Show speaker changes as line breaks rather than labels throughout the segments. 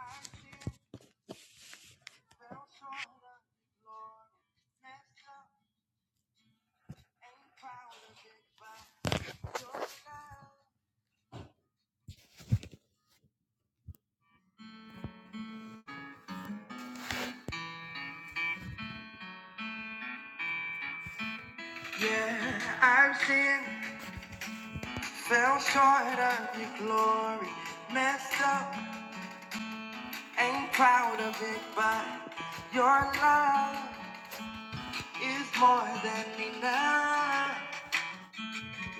My tears fell short of the Lord, messed up and clouded by your love. Yeah, I've sinned, fell short of your glory, messed up, ain't proud of it, but your love is more than enough.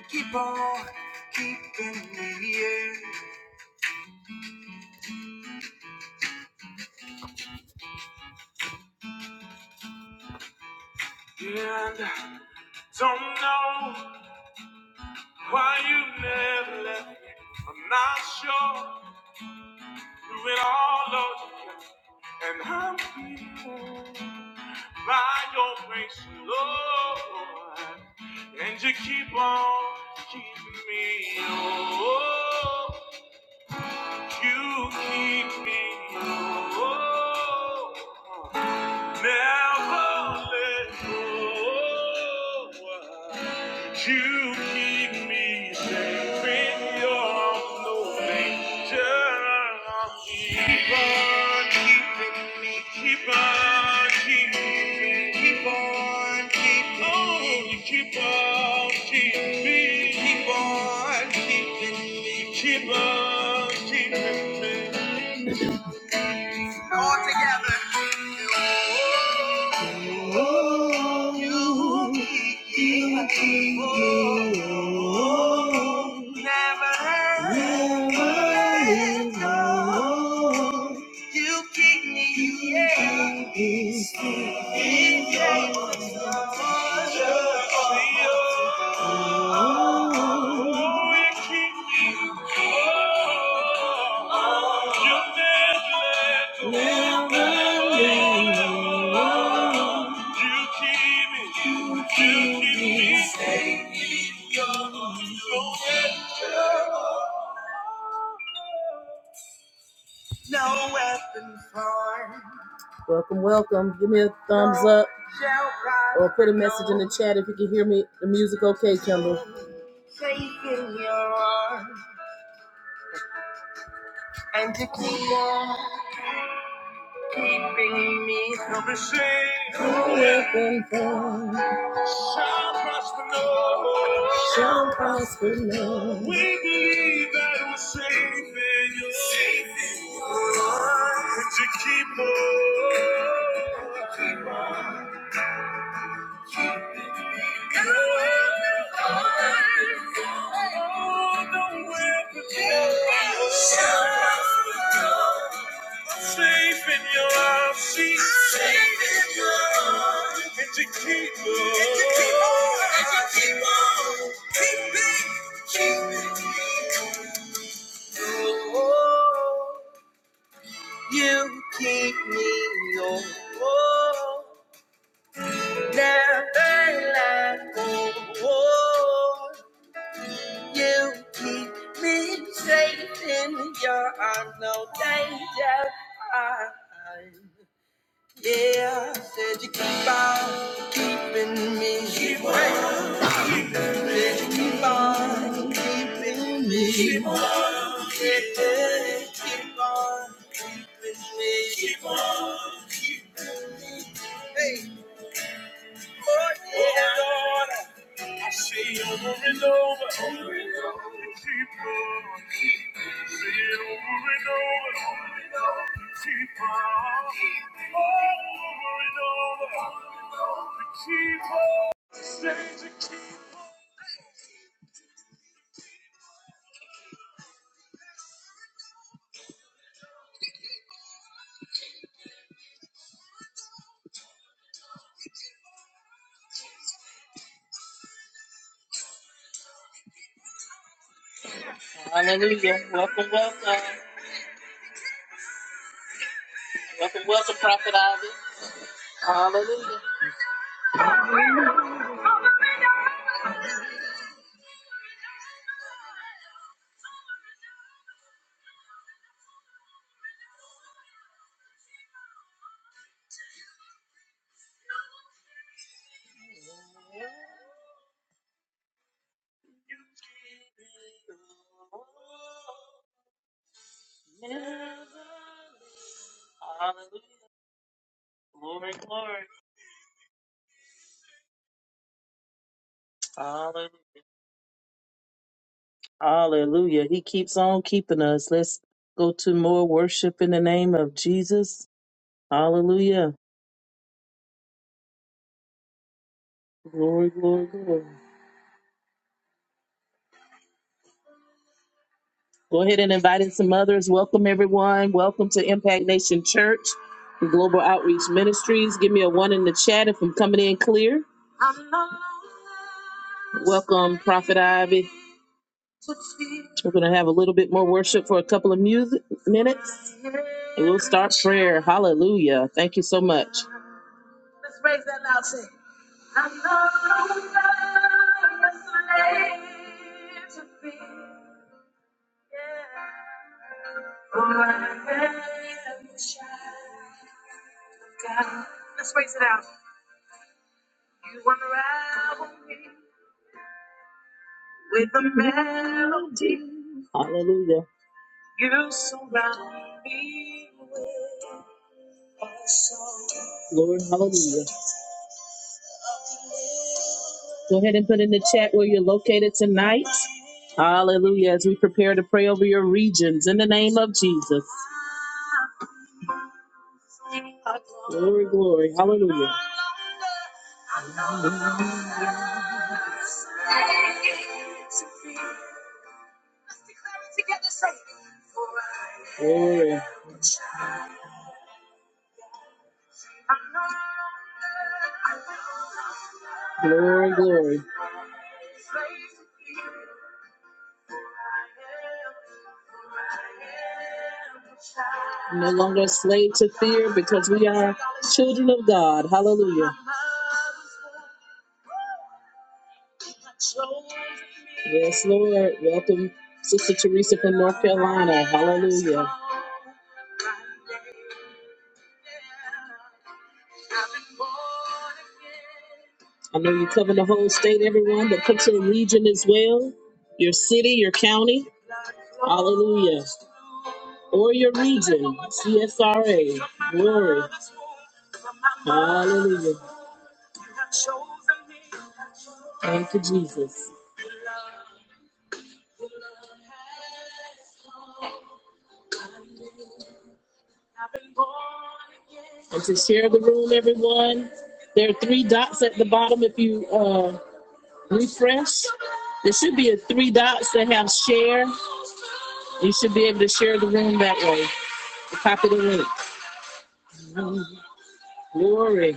Keep on keeping me here. And I don't know why you never left. I'm not sure Through it all, Lord, and I'm healed by your grace, Lord. And you keep on keeping me, oh, you keep me, oh. Never let go. You keep me safe in your arms, no danger. Keep on keeping me, keep on keeping me, keep on keeping me. Oh, you keep on keeping me, keep on keeping me, keep on keeping me. All together. Oh, You, you, you, oh, never, never let go. You keep me, you keep me still. In your Oh, you keep me. oh, you keep No weapon formed. Welcome, welcome. Give me a thumbs up or put a message in the chat if you can hear me. The music okay, Kendall. Safe in your arms and to keep keeping me from the shame. No weapon formed shall prosper, no. Shall prosper, no. We believe that we're safe in your safe in your arms and to keep on. Safe in your arms, she's safe and you keep her. You keep me, no. Never let go. You keep me safe in your arms, no danger. I, Yeah, said you keep on keeping me. Keep on. Keep on keeping me. Keep on keeping. Keep on keeping me. Keep on keeping. Hey, Lord, yeah. oh Lord, I say over and over. Over and over. Keep on keeping. Say it over and over. Over and over. Keep on keeping. Over and over. Over and over. Keep on. Say to keep on. Hallelujah. He keeps on keeping us. Let's go to more worship in the name of Jesus. Hallelujah. Glory, glory, glory. Go ahead and invite in some others. Welcome, everyone. Welcome to Impact Nation Church, Global Outreach Ministries. Give me a one in the chat if I'm coming in clear. Welcome, Prophet Ivy. We're going to have a little bit more worship for a couple of music minutes. And we'll start prayer. Hallelujah. Thank you so much. Hallelujah. Lord, hallelujah. Go ahead and put in the chat where you're located tonight. Hallelujah. As we prepare to pray over your regions in the name of Jesus. Glory, glory. Hallelujah. Glory, glory, glory. We're No longer a slave to fear because we are children of God. Hallelujah. Yes, Lord. Welcome, Sister Teresa from North Carolina. Hallelujah. I know you cover the whole state, everyone, but put your region as well, your city, your county. Hallelujah. Or your region, CSRA. Glory. Hallelujah. Thank you, Jesus. And to share the room, everyone, there are three dots at the bottom. If you uh, refresh, there should be a three dots that have share. You should be able to share the room that way. Copy the link. Glory.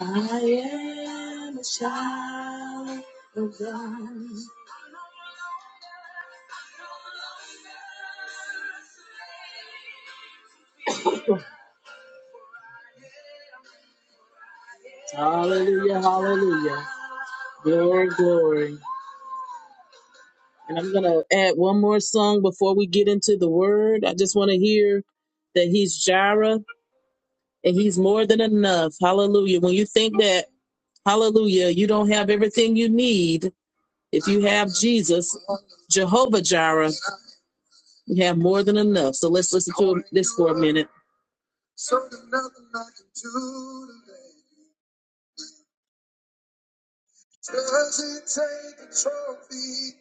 I am a child of God. Hallelujah, hallelujah. Glory, glory. And I'm going to add one more song before we get into the word. I just want to hear that he's Jireh and he's more than enough. Hallelujah. When you think that, hallelujah, you don't have everything you need, if you have Jesus, Jehovah Jireh, you have more than enough. So let's listen to this for a minute. Does it take a trophy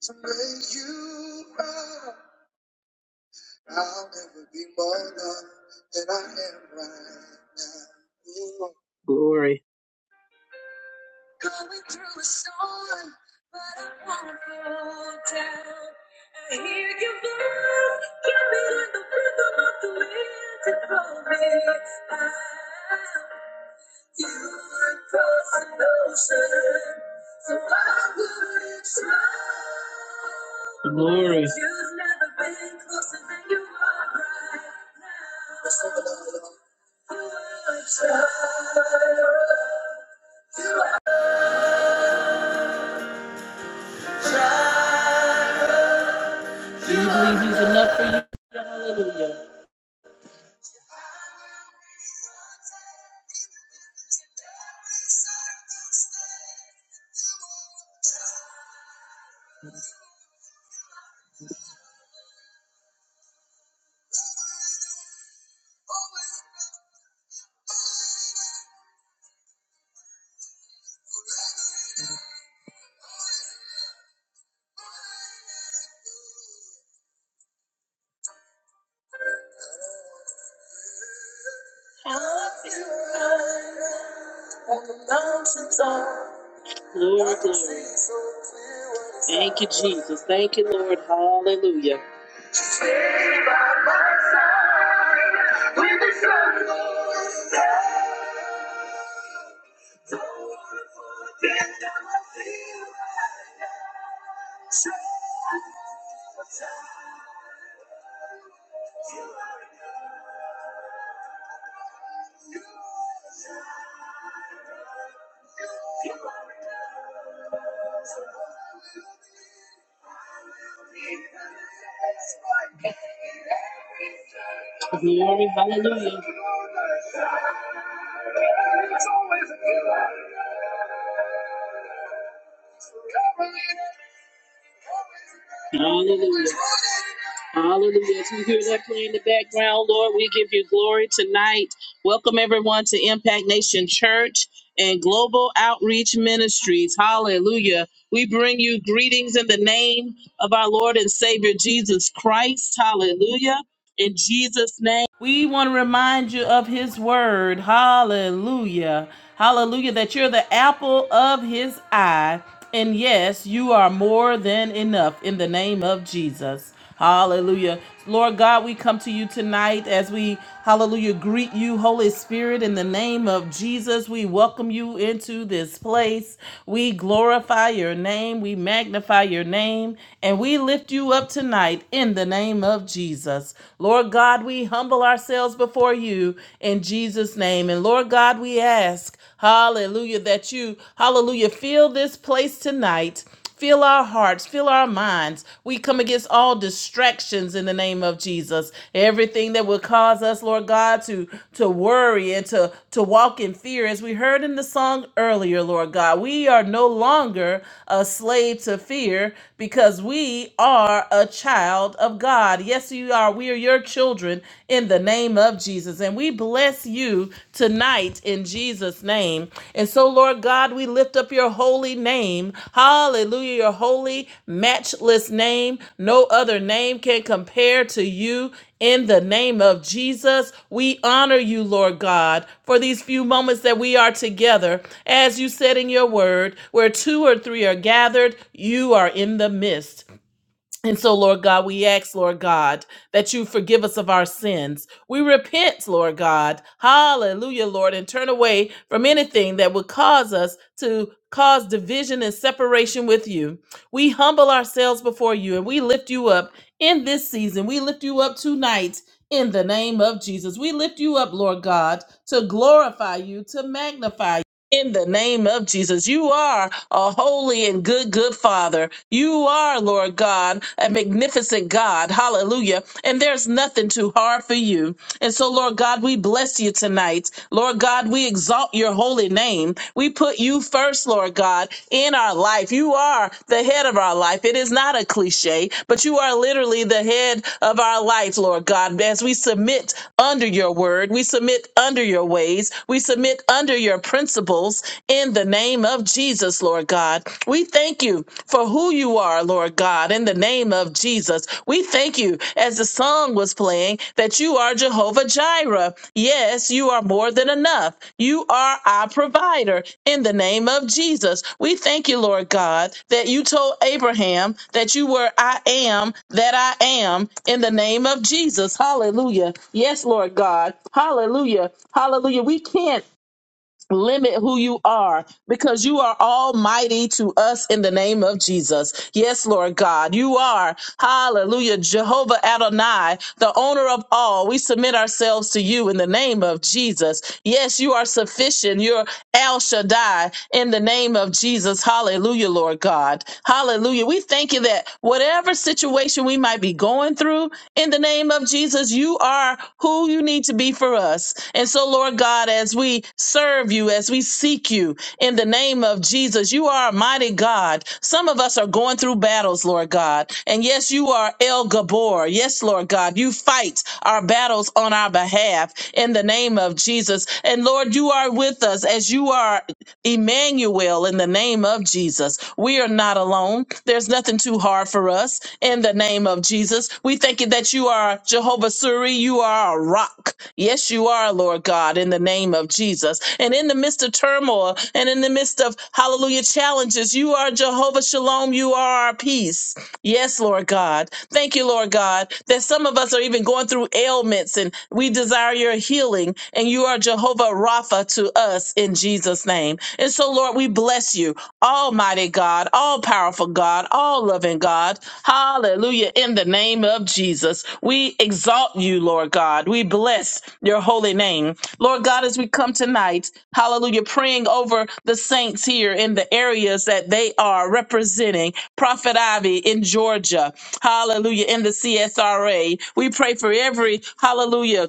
to make you proud? I'll never be more loved than I am right now. Ooh. Glory. Going through a storm, but Glory. You've Do you believe he's enough for you? Hallelujah. Glory, Thank you, Jesus. Thank you, Lord. Hallelujah. Glory, hallelujah. Hallelujah. Hallelujah. As we hear that play in the background, Lord, we give you glory tonight. Welcome everyone to Impact Nation Church and Global Outreach Ministries. Hallelujah. We bring you greetings in the name of our Lord and Savior Jesus Christ. Hallelujah. In Jesus' name. We want to remind you of his word. Hallelujah. Hallelujah. That you're the apple of his eye. And yes, you are more than enough in the name of Jesus. Hallelujah. Lord God, we come to you tonight as we, hallelujah, greet you, Holy Spirit, in the name of Jesus. We welcome you into this place. We glorify your name. We magnify your name. And we lift you up tonight in the name of Jesus us. Lord God, we humble ourselves before you in Jesus' name. And Lord God, we ask, hallelujah, that you, hallelujah, fill this place tonight. Fill our hearts, fill our minds. We come against all distractions in the name of Jesus. Everything that will cause us, Lord God, to, to worry and to, to walk in fear. As we heard in the song earlier, Lord God, we are no longer a slave to fear because we are a child of God. Yes, you are. We are your children in the name of Jesus. And we bless you tonight in Jesus' name. And so, Lord God, we lift up your holy name. Hallelujah. Your holy, matchless name. No other name can compare to you in the name of Jesus, we honor you, Lord God, for these few moments that we are together. As you said in your word, where two or three are gathered, you are in the midst. And so, Lord God, we ask, Lord God, that you forgive us of our sins. We repent, Lord God. Hallelujah, Lord, and turn away from anything that would cause us to cause division and separation with you. We humble ourselves before you and we lift you up in this season. We lift you up tonight in the name of Jesus. We lift you up, Lord God, to glorify you, to magnify in the name of Jesus. You are a holy and good, good Father. You are, Lord God, a magnificent God. Hallelujah. And there's nothing too hard for you. And so, Lord God, we bless you tonight. Lord God, we exalt your holy name. We put you first, Lord God, in our life. You are the head of our life. It is not a cliche, but you are literally the head of our life, Lord God. As we submit under your word, we submit under your ways, we submit under your principles in the name of Jesus, Lord God. We thank you for who you you are, Lord God, in the name of Jesus. We thank you, as the song was playing, that you are Jehovah Jireh. Yes, you are more than enough. You are our provider in the name of Jesus. We thank you, Lord God, that you told Abraham that you were I am that I am in the name of Jesus. Hallelujah. Yes, Lord God. Hallelujah. Hallelujah. We can't limit who you are because you are almighty to us in the name of Jesus. Yes, Lord God, you are, hallelujah, Jehovah Adonai, the owner of all. We submit ourselves to you in the name of Jesus. Yes, you are sufficient. You're El Shaddai in the name of Jesus. Hallelujah, Lord God. Hallelujah. We thank you that whatever situation we might be be going through. In the name of Jesus, you are who you need to be for us. And so, Lord God, as we serve you, as we seek you, in the name of Jesus, you are a mighty God. Some of us are going through battles, Lord God. And yes, you are El Gabor. Yes, Lord God, you fight our battles on our behalf in the name of Jesus. And Lord, you are with us as you are Emmanuel, in the name of Jesus. We are not alone. There's nothing too hard for us. In the name of Jesus, we thank you that you are Jehovah Suri. You are a rock. Yes, you are, Lord God, in the name of Jesus. And in the midst of turmoil and in the midst of hallelujah challenges, you are Jehovah Shalom. You are our peace. Yes, Lord God. Thank you, Lord God, that some of us are even going through ailments and we desire your healing, and you are Jehovah Rapha to us in Jesus' name. And so, Lord, we bless you, Almighty God, all powerful God, all loving God. Hallelujah, in the name of Jesus. Jesus. We exalt you, Lord God. We bless your holy name. Lord God, as we come tonight, hallelujah, praying over the saints here in the areas that they are representing. Prophet Ivy in Georgia, hallelujah, in the CSRA. We pray for every, hallelujah,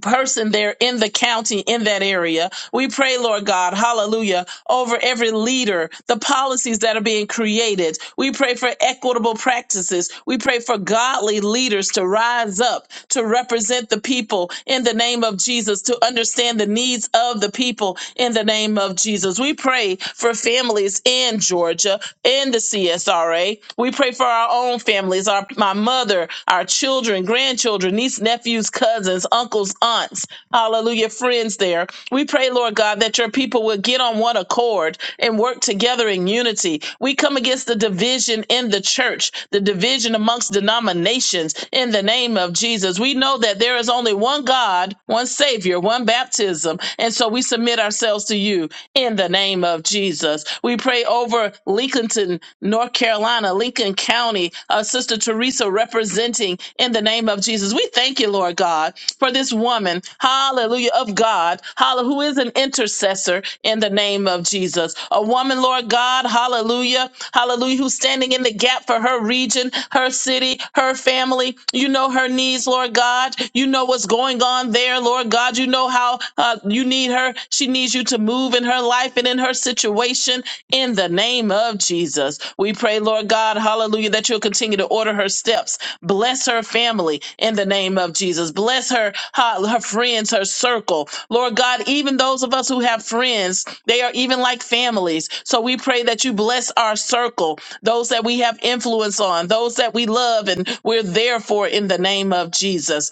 person there in the county, in that area. We pray, Lord God, hallelujah, over every leader, the policies that are being created. We pray for equitable practices. We pray for godly leaders to rise up, to represent the people in the name of Jesus, to understand the needs of the people in the name of Jesus. We pray for families in Georgia, in the CSRA. We pray for our own families, our, my our mother, our children, grandchildren, nieces, nephews, cousins, uncles, aunts, hallelujah, friends there. We pray, Lord God, that your people will get on one accord and work together in unity. We come against the division in the church, the division amongst denominations in the name of Jesus. We know that there is only one God, one Savior, one baptism. And so we submit ourselves to you in the name of Jesus. We pray over Lincolnton, North Carolina, Lincoln County, uh, Sister Teresa representing in the name of Jesus. We thank you, Lord God, for this woman, hallelujah, of God, hallelujah, who is an intercessor in the name of Jesus. A woman, Lord God, hallelujah, hallelujah, who's standing in the gap for her region, her city, her family. You know her needs, Lord God. You know what's going on there, Lord God. You know how uh, you need her her. She needs you to move in her life and in her situation in the name of Jesus. We pray, Lord God, hallelujah, that you'll continue to order her steps. Bless her family in the name of Jesus. Bless her, her her friends, her circle. Lord God, even those of us who have friends, they are even like families. So we pray that you bless our circle, those that we have influence on, those that we love and we're there for in the name of Jesus.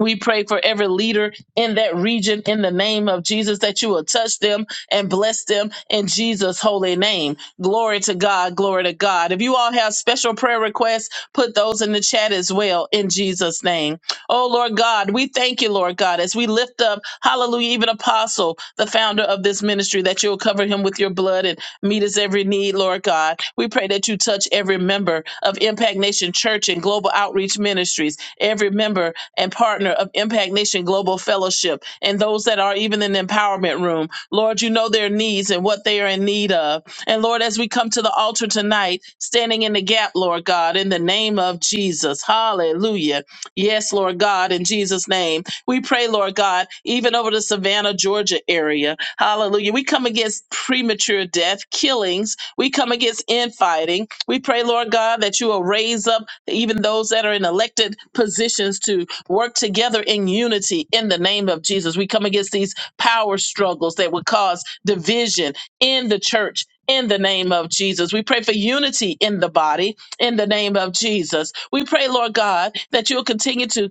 We pray for every leader in that region in the name of Jesus that you will touch them and bless them in Jesus' holy name. Glory to God. Glory to God. If you all have special prayer requests, put those in the chat as well in Jesus' name. Oh, Lord God, we thank you, Lord God, as we lift up, hallelujah, even Apostle, the founder of this ministry, that you'll cover him with your blood and meet his every need, Lord God. We pray that you touch every member of Impact Nation Church and Global Outreach Ministries, every member and partner of Impact Nation Global Fellowship and those that are even in the empowerment room. Lord, you know their needs and what they are in need of. And Lord, as we come to the altar tonight, standing in the gap, Lord God, in the name of Jesus. Hallelujah. Yes, Lord God, in Jesus' name. We pray, Lord God, even over the Savannah, Georgia area. Hallelujah. We come against premature death, killings, we come against infighting. We pray, Lord God, that you will raise up even those that are in elected positions to work together in unity in the name of Jesus. We come against these power struggles that would cause division in the church. In the name of Jesus, we pray for unity in the body. In the name of Jesus, we pray, Lord God, that you'll continue to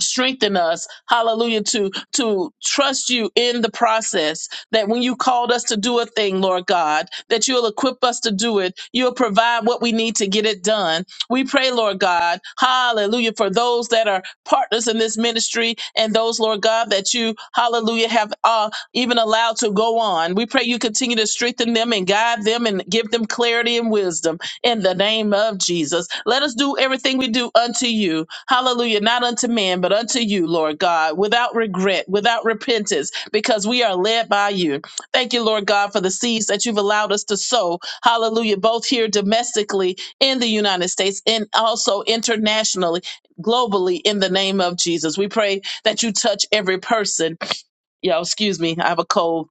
strengthen us hallelujah to to trust you in the process that when you called us to do a thing lord god that you'll equip us to do it you'll provide what we need to get it done we pray lord god hallelujah for those that are partners in this ministry and those lord god that you hallelujah have uh, even allowed to go on we pray you continue to strengthen them and guide them and give them clarity and wisdom in the name of Jesus. Let us do everything we do unto you. Hallelujah. Not unto man, but unto you, Lord God, without regret, without repentance, because we are led by you. Thank you, Lord God, for the seeds that you've allowed us to sow. Hallelujah. Both here domestically in the United States and also internationally. Globally, in the name of Jesus, we pray that you touch every person. Y'all, excuse me, I have a cold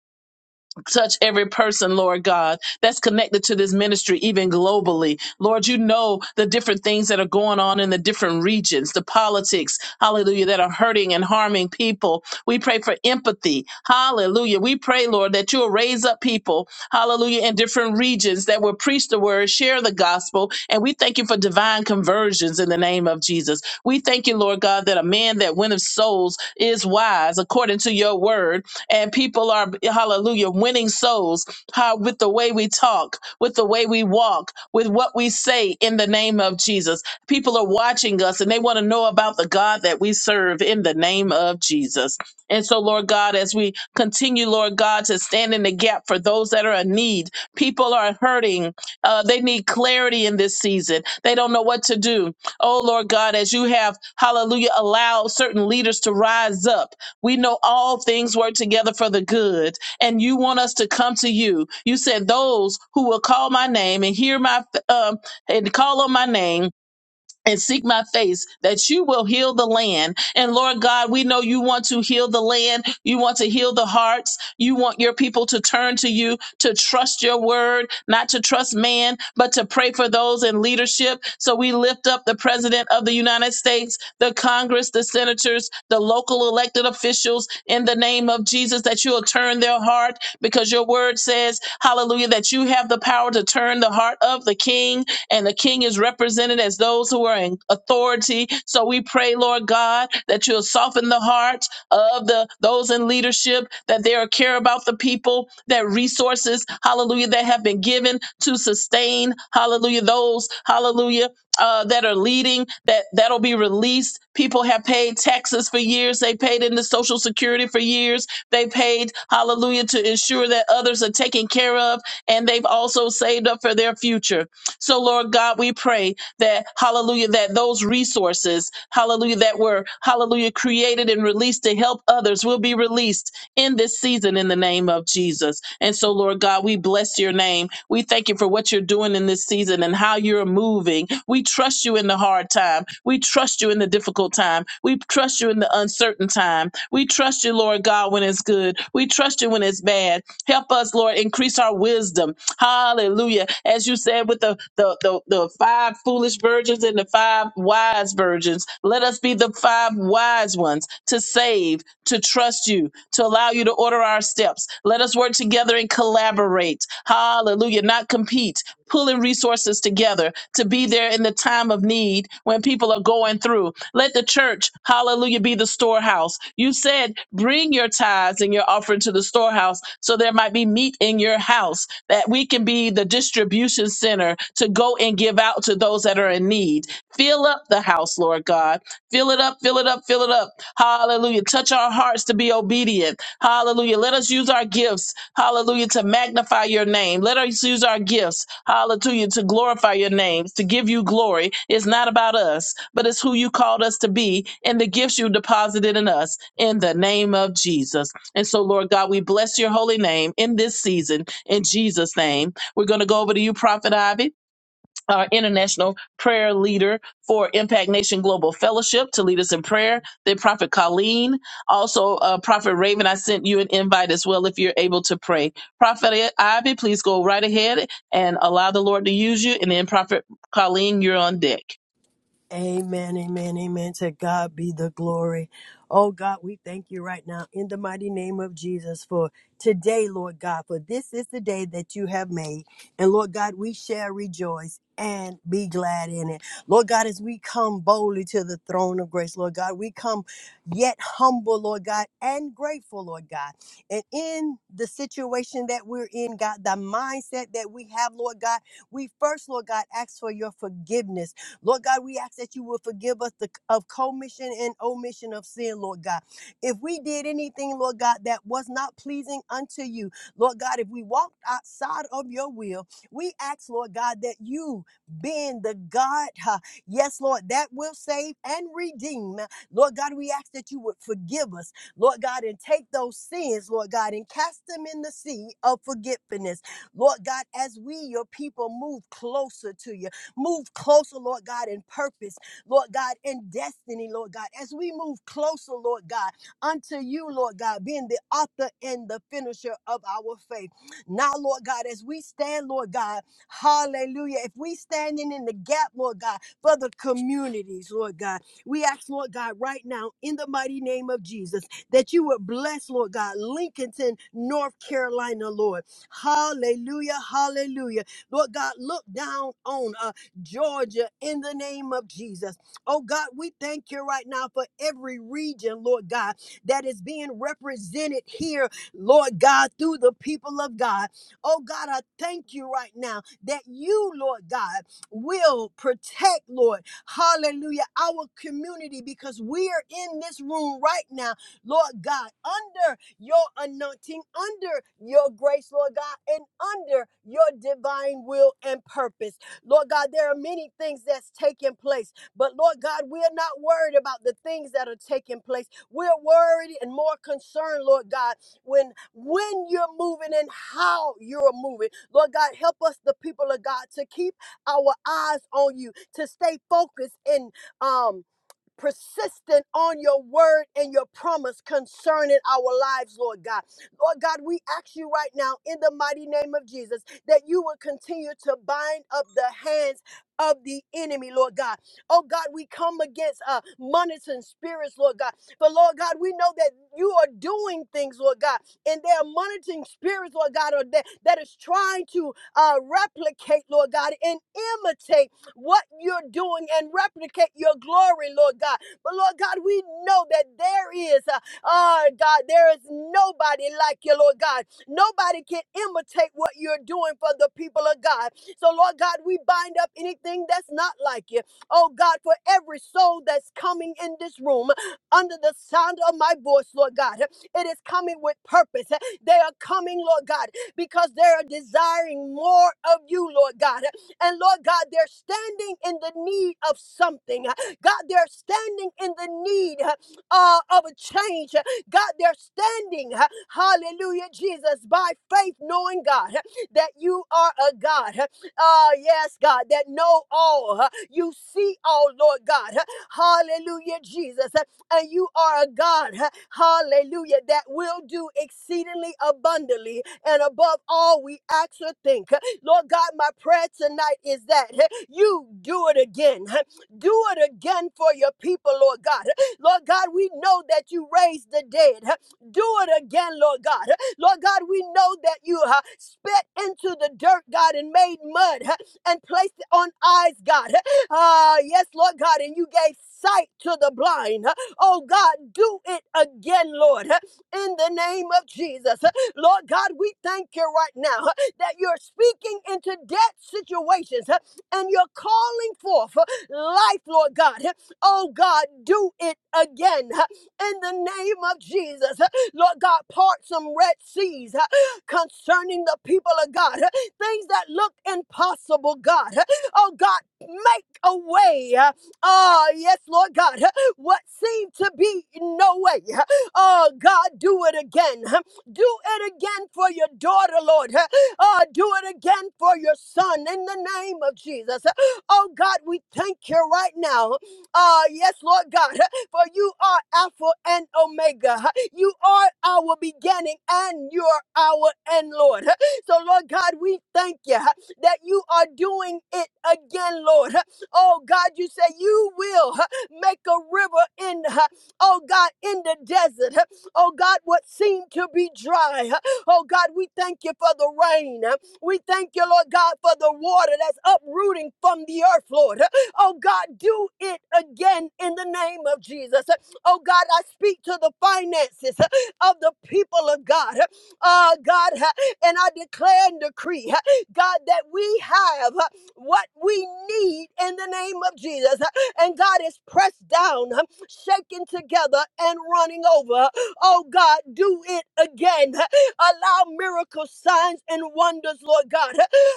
touch every person, Lord God, that's connected to this ministry, even globally. Lord, you know the different things that are going on in the different regions, the politics, hallelujah, that are hurting and harming people. We pray for empathy, hallelujah. We pray, Lord, that you'll raise up people, hallelujah, in different regions that will preach the word, share the gospel, and we thank you for divine conversions in the name of Jesus. We thank you, Lord God, that a man that winneth souls is wise according to your word and people are hallelujah winning souls how with the way we talk with the way we walk with what we say in the name of jesus people are watching us and they want to know about the god that we serve in the name of jesus and so lord god as we continue lord god to stand in the gap for those that are in need people are hurting uh, they need clarity in this season they don't know what to do oh lord god as you have hallelujah allowed certain leaders to rise up we know all things work together for the good, and you want us to come to you. You said those who will call my name and hear my um, and call on my name and seek my face that you will heal the land. And Lord God, we know you want to heal the land. You want to heal the hearts. You want your people to turn to you, to trust your word, not to trust man, but to pray for those in leadership. So we lift up the president of the United States, the Congress, the senators, the local elected officials in the name of Jesus that you will turn their heart because your word says, hallelujah, that you have the power to turn the heart of the king and the king is represented as those who are in authority. So we pray, Lord God, that you'll soften the hearts of the those in leadership, that they are care about the people, that resources, hallelujah, that have been given to sustain, hallelujah, those, hallelujah, uh, that are leading, that that'll be released. People have paid taxes for years. They paid into Social Security for years. They paid, hallelujah, to ensure that others are taken care of, and they've also saved up for their future. So, Lord God, we pray that, hallelujah, that those resources, hallelujah, that were, hallelujah, created and released to help others will be released in this season in the name of Jesus. And so, Lord God, we bless your name. We thank you for what you're doing in this season and how you're moving. We trust you in the hard time. We trust you in the difficult time. We trust you in the uncertain time. We trust you, Lord God, when it's good. We trust you when it's bad. Help us, Lord, increase our wisdom. Hallelujah. As you said with the, the, the, the five foolish virgins and the five wise virgins, let us be the five wise ones to save, to trust you, to allow you to order our steps. Let us work together and collaborate. Hallelujah. Not compete. Pulling resources together to be there in the time of need when people are going through. Let the church, hallelujah, be the storehouse. You said, bring your tithes and your offering to the storehouse so there might be meat in your house, that we can be the distribution center to go and give out to those that are in need. Fill up the house, Lord God. Fill it up, fill it up, fill it up. Hallelujah. Touch our hearts to be obedient. Hallelujah. Let us use our gifts. Hallelujah. To magnify your name. Let us use our gifts. Hallelujah. To glorify your names, to give you glory. It's not about us, but it's who you called us to be and the gifts you deposited in us in the name of Jesus. And so, Lord God, we bless your holy name in this season in Jesus' name. We're going to go over to you, Prophet Ivy our international prayer leader for Impact Nation Global Fellowship to lead us in prayer. Then Prophet Colleen, also uh, Prophet Raven, I sent you an invite as well if you're able to pray. Prophet Ivy, please go right ahead and allow the Lord to use you. And then Prophet Colleen, you're on deck.
Amen, amen, amen. To God be the glory. Oh God, we thank you right now in the mighty name of Jesus for today, Lord God, for this is the day that you have made. And Lord God, we shall rejoice and be glad in it. Lord God, as we come boldly to the throne of grace, Lord God, we come yet humble, Lord God, and grateful, Lord God. And in the situation that we're in, God, the mindset that we have, Lord God, we first, Lord God, ask for your forgiveness. Lord God, we ask that you will forgive us the, of commission and omission of sin, Lord God. If we did anything, Lord God, that was not pleasing unto you, Lord God, if we walked outside of your will, we ask, Lord God, that you, being the God, huh, yes, Lord, that will save and redeem, Lord God, we ask that you would forgive us, Lord God, and take those sins, Lord God, and cast them in the sea of forgetfulness. Lord God, as we, your people, move closer to you move closer, Lord God, in purpose, Lord God, in destiny, Lord God, as we move closer, Lord God, unto you, Lord God, being the author and the finisher of our faith. Now, Lord God, as we stand, Lord God, hallelujah, if we standing in the gap, Lord God, for the communities, Lord God, we ask, Lord God, right now, in the mighty name of Jesus, that you would bless, Lord God, Lincolnton, North Carolina, Lord. Hallelujah, hallelujah. Lord God, look down on us. Georgia, in the name of Jesus. Oh God, we thank you right now for every region, Lord God, that is being represented here, Lord God, through the people of God. Oh God, I thank you right now that you, Lord God, will protect, Lord, hallelujah, our community because we are in this room right now, Lord God, under your anointing, under your grace, Lord God, and under your divine will and purpose. Lord God, there are many things that's taking place, but Lord God, we are not worried about the things that are taking place. We're worried and more concerned, Lord God, when when you're moving and how you're moving. Lord God, help us, the people of God, to keep our eyes on you, to stay focused and um persistent on your word and your promise concerning our lives, Lord God. Lord God, we ask you right now in the mighty name of Jesus that you will continue to bind up the hands of the enemy, Lord God. Oh God, we come against uh monitoring spirits, Lord God. But Lord God, we know that you are doing things, Lord God, and there are monitoring spirits, Lord God, or that, that is trying to uh replicate, Lord God, and imitate what you're doing and replicate your glory, Lord God. But Lord God, we know that there is, uh, oh God, there is nobody like you, Lord God. Nobody can imitate what you're doing for the people of God. So, Lord God, we bind up anything that's not like you. Oh God, for every soul that's coming in this room under the sound of my voice, Lord God, it is coming with purpose. They are coming, Lord God, because they are desiring more of you, Lord God. And Lord God, they're standing in the need of something. God, they're standing in the need uh, of a change. God, they're standing, hallelujah, Jesus, by faith, knowing God that you are a God. Uh, yes, God, that know all. You see all, Lord God. Hallelujah, Jesus. And you are a God, hallelujah, that will do exceedingly abundantly and above all we ask or think. Lord God, my prayer tonight is that eh, you do it again. eh, Do it again for your people, Lord God. huh. Lord God, we know that you raised the dead. eh, Do it again, Lord God. huh. Lord God, we know that you uh, spit into the dirt, God, and made mud eh, and placed it on eyes, God. huh. Ah, yes, Lord God, and you gave sight to the blind. eh. Oh God, do it again, Lord, eh, in the name of Jesus. huh. Lord God, we thank you right now. huh, that you're speaking into debt situations uh, and you're calling forth uh, life, Lord God. huh, Oh God, do it again uh, in the name of Jesus. Uh, Lord God, part some red seas uh, concerning the people of God. uh, Things that look impossible, God. Uh, Oh God, make a way. uh, Oh, yes, Lord God. uh, What seemed to be no way. uh, Oh God, do it again. uh, do it again for your daughter, Lord. huh, Oh, do it again for your son in the name of Jesus. Oh, God, we thank you right now. Ah, yes, Lord God, for you are Alpha and Omega. You are our beginning and you're our end, Lord. So, Lord God, we thank you that you are doing it again, Lord. Oh, God, you say you will make a river in, oh, God, in the desert. Oh, God, what seemed to be dry. Oh God, we thank you for the rain. We thank you, Lord God, for the water that's uprooting from the earth, Lord. Oh God, do it again in the name of Jesus. Oh God, I speak to the finances of the people of God. Oh God, and I declare and decree, God, that we have what we need in the name of Jesus. And God is pressed down, shaken together, and running over. Oh God, do it again Allow miracles, signs, and wonders, Lord God,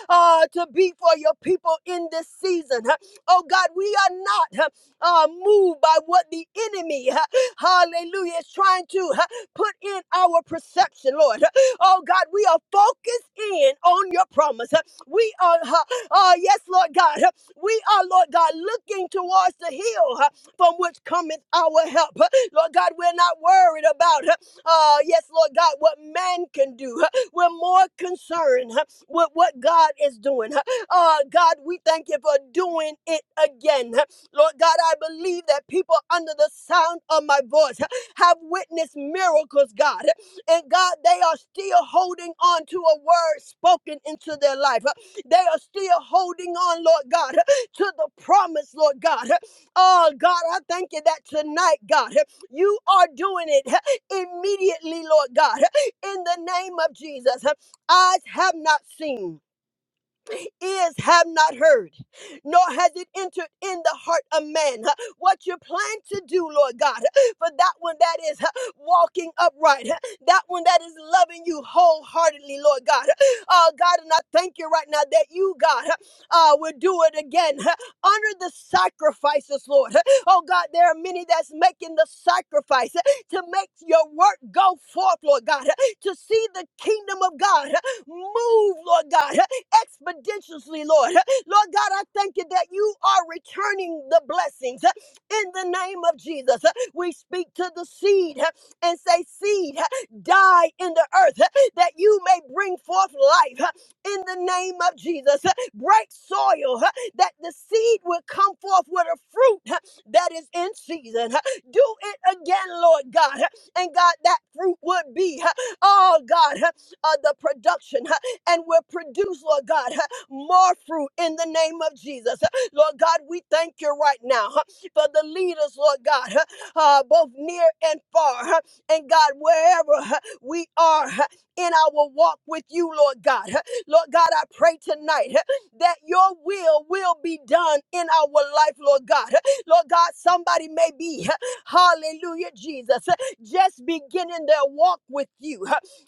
uh, to be for your people in this season. Oh God, we are not uh, moved by what the enemy, hallelujah, is trying to uh, put in our perception, Lord. Oh God, we are focused in on your promise. We are, uh, uh, yes, Lord God, we are, Lord God, looking towards the hill uh, from which cometh our help. Lord God, we're not worried about. Oh, yes, Lord God, what man can do. huh? We're more concerned huh, with what God is doing. huh. Oh, God, we thank you for doing it again. huh. Lord God, I believe that people under the sound of my voice huh, have witnessed miracles, God. And God, they are still holding on to a word spoken into their life. huh. They are still holding on, Lord God, huh, to the promise, Lord God. huh. Oh, God, I thank you that tonight, God, huh, you are doing it immediately, Lord God, in the name of Jesus. Eyes have not seen ears have not heard, nor has it entered in the heart of man. huh, What you plan to do, Lord God, huh, for that one that is huh, walking upright, huh, that one that is loving you wholeheartedly, Lord God. huh. Oh, God, and I thank you right now that you, God, huh, uh, will do it again. huh. Honor the sacrifices, Lord. huh. Oh, God, there are many that's making the sacrifice huh, to make your work go forth, Lord God, huh, to see the kingdom of God huh, move, Lord God. huh, expeditiously, Lord. Lord God, I thank you that you are returning the blessings uh, in the name of Jesus. Uh, We speak to the seed uh, and say, Seed, uh, die in the earth uh, that you may bring forth life uh, in the name of Jesus. Uh, Break soil uh, that the seed will come forth with a fruit uh, that is in season. Uh, Do it again, Lord God. Uh, And God, that fruit would be, uh, oh God, uh, uh, the production and will produce, Lord God, more fruit in the name of Jesus. Lord God, we thank you right now for the leaders, Lord God, uh, both near and far. And God, wherever we are in our walk with you, Lord God, Lord God, I pray tonight that your will will be done in our life, Lord God. Lord God, somebody may be, hallelujah, Jesus, just beginning their walk with you.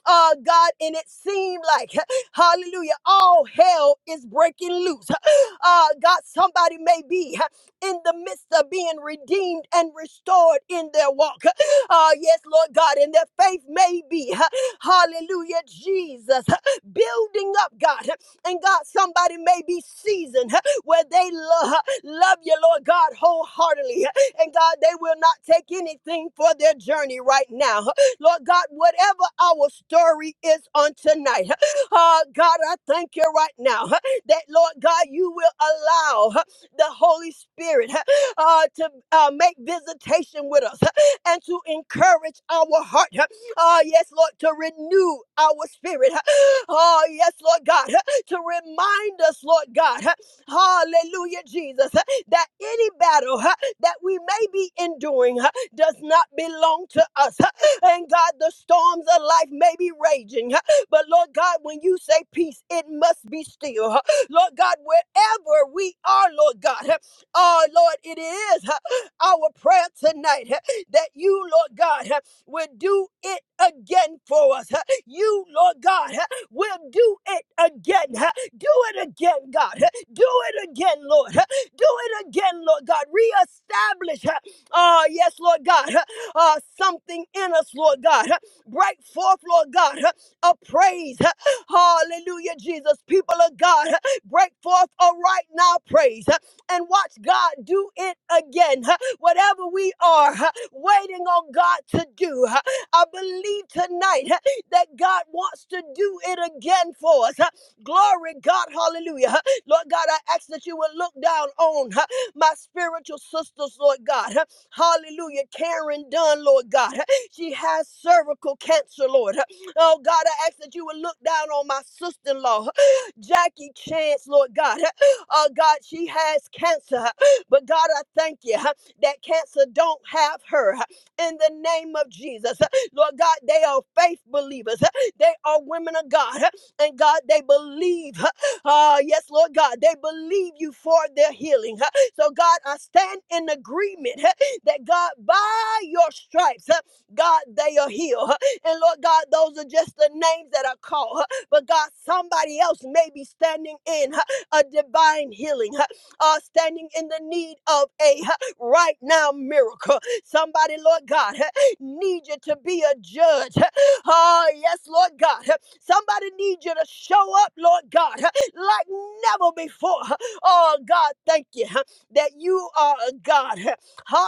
Uh, God, and it seemed like Hallelujah. All hell is breaking loose. Uh, God, somebody may be in the midst of being redeemed and restored in their walk. Uh, yes, Lord God, and their faith may be, hallelujah, Jesus, building up, God. And God, somebody may be seasoned where they love, love you, Lord God, wholeheartedly. And God, they will not take anything for their journey right now. Lord God, whatever our story is on tonight, Oh, God, I thank you right now huh, that, Lord God, you will allow huh, the Holy Spirit huh, uh, to uh, make visitation with us huh, and to encourage our heart. huh. Oh, yes, Lord, to renew our spirit. huh. Oh, yes, Lord God, huh, to remind us, Lord God, huh, hallelujah, Jesus, huh, that any battle huh, that we may be enduring huh, does not belong to us. huh. And God, the storms of life may be raging, huh, but Lord God, when you say peace, it must be still. huh. Lord God, wherever we are, Lord God, huh, oh Lord, it is huh, our prayer tonight huh, that you, Lord God, huh, will do it again for us. huh. You, Lord God, huh, will do it again. huh. Do it again, God. huh. Do it again, Lord. huh. Do it again, Lord God. Reestablish, huh, oh yes, Lord God, huh, uh, something in us, Lord God. huh. Break forth, Lord God of praise. Hallelujah, Jesus. People of God, break forth a right now praise and watch God do it again. Whatever we are waiting on God to do, I believe tonight that God wants to do it again for us. Glory, God, hallelujah. Lord God, I ask that you would look down on my spiritual sisters, Lord God. Hallelujah. Karen Dunn, Lord God. She has cervical cancer, Lord. Oh God, I ask that you would look down on my sister in law, Jackie Chance, Lord God. Oh God, she has cancer, but God, I thank you huh, that cancer don't have her huh, in the name of Jesus. Lord God, they are faith believers, they are women of God, huh, and God, they believe. Uh, yes, Lord God, they believe you for their healing. huh. So, God, I stand in agreement huh, that God, by your stripes, huh, God, they are healed. huh. And Lord God, those are just the names that are called. huh. But God, somebody else may be standing in huh, a divine healing, huh, uh, standing in the need of a huh, right now miracle. Somebody, Lord God, huh, need you to be a judge. huh. Oh, yes, Lord God. huh. Somebody need you to show up, Lord God, huh, like never before. huh. Oh, God, thank you huh, that you are a God. huh.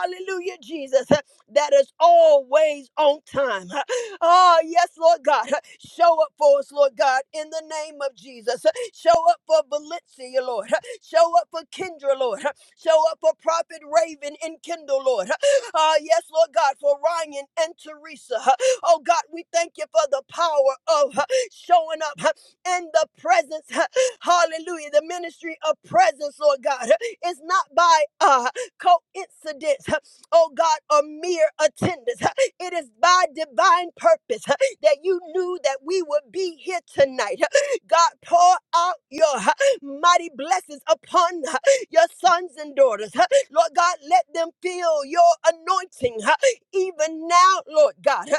Hallelujah, Jesus that is always on time. Oh, yes, Lord God. Show up for us, Lord God, in the name of Jesus. Show up for Valencia, Lord. Show up for Kendra, Lord. Show up for Prophet Raven and Kendall, Lord. Ah, yes, Lord God, for Ryan and Teresa. Oh, God, we thank you for the power of showing up in the presence. Hallelujah. The ministry of presence, Lord God, is not by uh, coincidence oh God, a mere attendance. It is by divine purpose huh, that you knew that we would be here tonight. huh. God, pour out your huh, mighty blessings upon huh, your sons and daughters. huh. Lord God, let them feel your anointing huh, even now, Lord God. huh.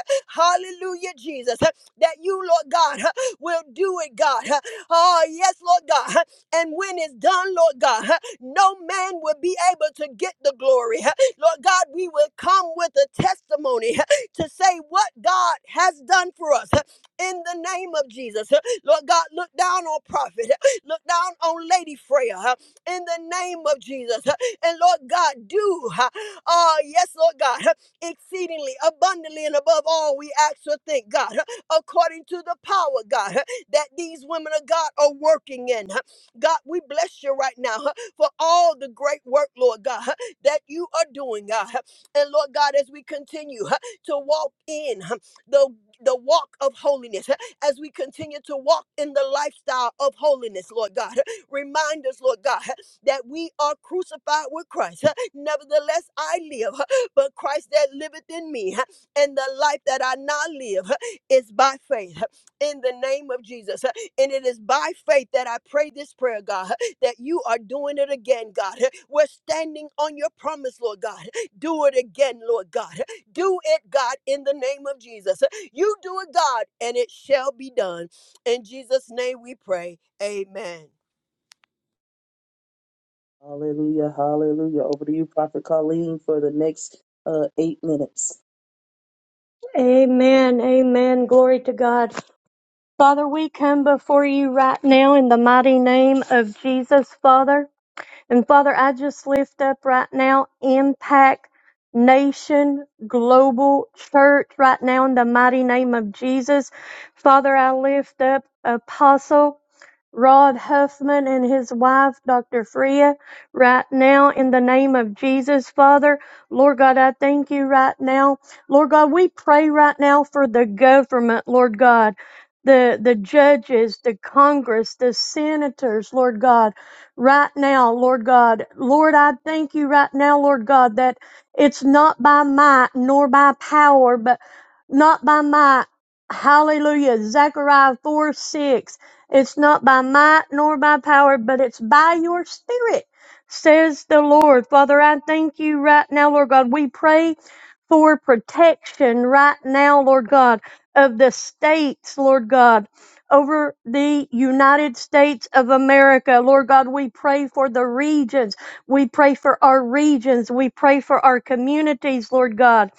Hallelujah, Jesus. huh, That you, Lord God, huh, will do it, God. Oh, yes, Lord God. huh. And when it's done, Lord God, huh, no man will be able to get the glory. huh. Lord God, we will come with a testimony to say what God has done for us in the name of Jesus. Lord God, look down on prophet, look down on Lady Freya in the name of Jesus. And Lord God, do, uh, yes, Lord God, exceedingly abundantly and above all we ask or think, God, according to the power, God, that these women of God are working in. God, we bless you right now for all the great work, Lord God that you are doing, God. And Lord God, as we continue huh, to walk in huh, the the walk of holiness, huh, as we continue to walk in the lifestyle of holiness, Lord God, huh, remind us, Lord God, huh, that we are crucified with Christ. huh. Nevertheless, I live, huh, but Christ that liveth in me, huh, and the life that I now live huh, is by faith huh, in the name of Jesus. huh. And it is by faith that I pray this prayer, God. huh, that you are doing it again, God. We're standing on your promise, Lord God. Do it again, Lord God. Do it, God, in the name of Jesus. You do it, God, and it shall be done. In Jesus' name we pray. Amen.
Hallelujah, hallelujah. Over to you, Prophet Colleen, for the next uh, eight minutes.
Amen. Amen. Glory to God. Father, we come before you right now in the mighty name of Jesus, Father. And Father, I just lift up right now Impact Nation Global Church right now in the mighty name of Jesus. Father, I lift up Apostle. Rod Huffman and his wife, Dr. Freya, right now in the name of Jesus, Father. Lord God, I thank you right now. Lord God, we pray right now for the government, Lord God. The, the judges, the Congress, the senators, Lord God, right now, Lord God. Lord, I thank you right now, Lord God, that it's not by might nor by power, but not by might. Hallelujah. Zechariah 4 6. It's not by might nor by power, but it's by your spirit, says the Lord. Father, I thank you right now, Lord God. We pray for protection right now, Lord God, of the states, Lord God. Over the United States of America. Lord God, we pray for the regions. We pray for our regions. We pray for our communities, Lord God.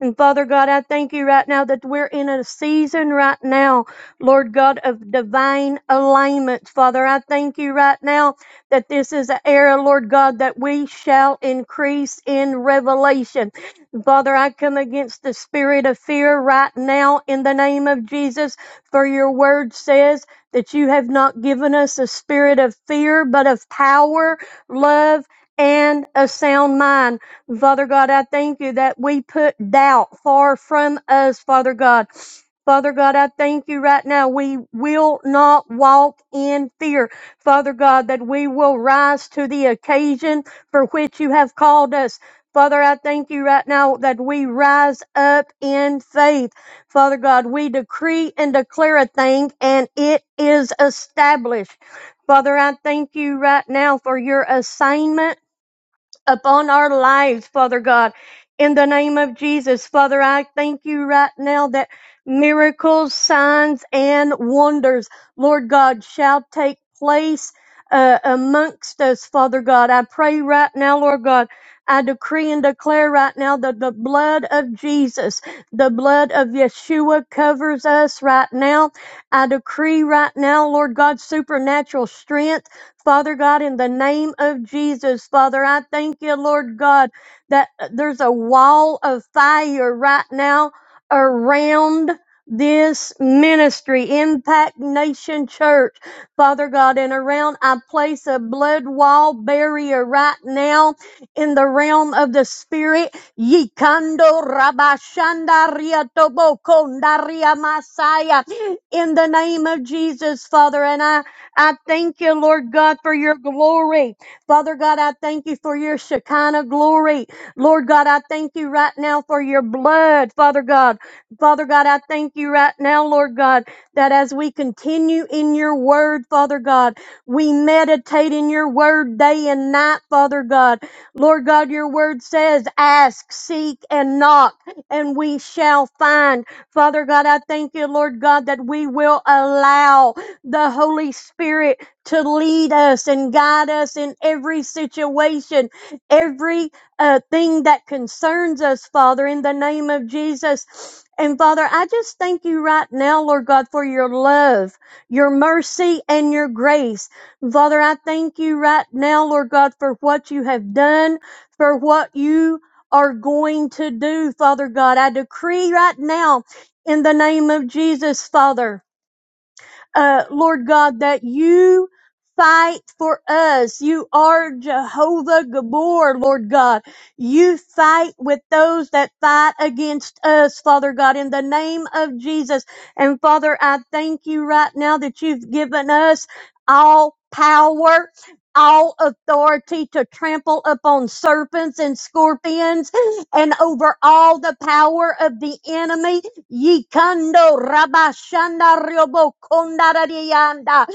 And Father God, I thank you right now that we're in a season right now Lord God of divine alignment, Father. I thank you right now that this is an era, Lord God, that we shall increase in revelation. Father, I come against the spirit of fear right now in the name of Jesus, for your word says that you have not given us a spirit of fear, but of power, love, and a sound mind. Father God, I thank you that we put doubt far from us, Father God. Father God, I thank you right now. We will not walk in fear. Father God, that we will rise to the occasion for which you have called us. Father, I thank you right now that we rise up in faith. Father God, we decree and declare a thing and it is established. Father, I thank you right now for your assignment upon our lives, Father God. In the name of Jesus, Father, I thank you right now that miracles, signs, and wonders, Lord God, shall take place uh, amongst us, Father God. I pray right now, Lord God. I decree and declare right now that the blood of Jesus, the blood of Yeshua covers us right now. I decree right now, Lord God, supernatural strength Father God, in the name of Jesus, Father, I thank you, Lord God, that uh, there's a wall of fire right now around this ministry, Impact Nation Church. Father God, and around, I place a blood wall barrier right now in the realm of the spirit. Yikando rabashanda riatoboko ndaria masaya. In the name of Jesus, Father, and I I thank you, Lord God, for your glory. Father God, I thank you for your Shekinah glory. Lord God, I thank you right now for your blood, Father God. Father God, I thank you right now, Lord God, that as we continue in your word, Father God, we meditate in your word day and night, Father God. Lord God, your word says, ask, seek, and knock, and we shall find. Father God, I thank you, Lord God, that we will allow the Holy Spirit to lead us and guide us in every situation, every uh, thing that concerns us, Father, in the name of Jesus. And Father, I just thank you right now, Lord God, for your love, your mercy, and your grace. Father, I thank you right now, Lord God, for what you have done, for what you are going to do, Father God. I decree right now in the name of Jesus, Father uh, Lord God, that you fight for us. You are Jehovah Gabor, Lord God. You fight with those that fight against us, Father God, in the name of Jesus. And Father, I thank you right now that you've given us all power. All authority to trample upon serpents and scorpions and over all the power of the enemy Yikando Rabashanda Ryobo Kondaradianda.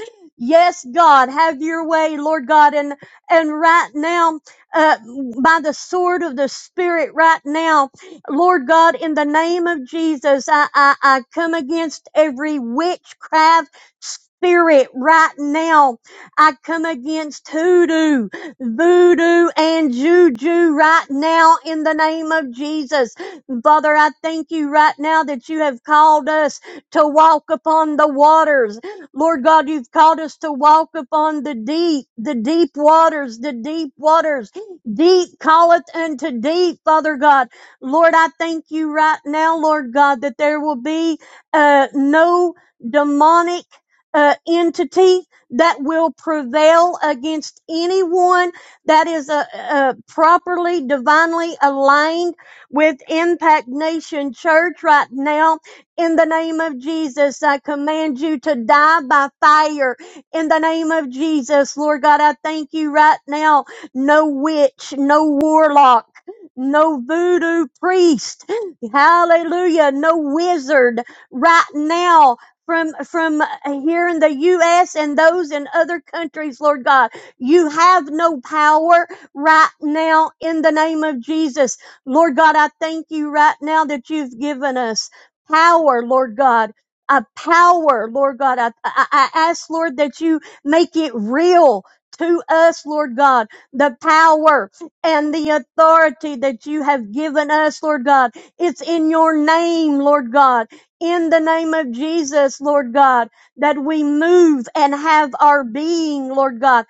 Yes, God, have your way, Lord God, and and right now, uh, by the sword of the Spirit, right now, Lord God, in the name of Jesus, I I, I come against every witchcraft spirit right now. I come against hoodoo, voodoo, and juju right now in the name of Jesus. And Father, I thank you right now that you have called us to walk upon the waters. Lord God, you've called us to walk upon the deep, the deep waters, the deep waters. Deep calleth unto deep, Father God. Lord, I thank you right now, Lord God, that there will be uh, no demonic uh, entity that will prevail against anyone that is uh, uh, properly, divinely aligned with Impact Nation Church right now. In the name of Jesus, I command you to die by fire. In the name of Jesus, Lord God, I thank you right now. No witch, no warlock. No voodoo priest, hallelujah, no wizard right now from, from here in the U.S. and those in other countries, Lord God. You have no power right now in the name of Jesus. Lord God, I thank you right now that you've given us power, Lord God. A power, Lord God. I, I, I ask, Lord, that you make it real to us, Lord God, the power and the authority that you have given us, Lord God. It's in your name, Lord God. In the name of Jesus, Lord God, that we move and have our being, Lord God.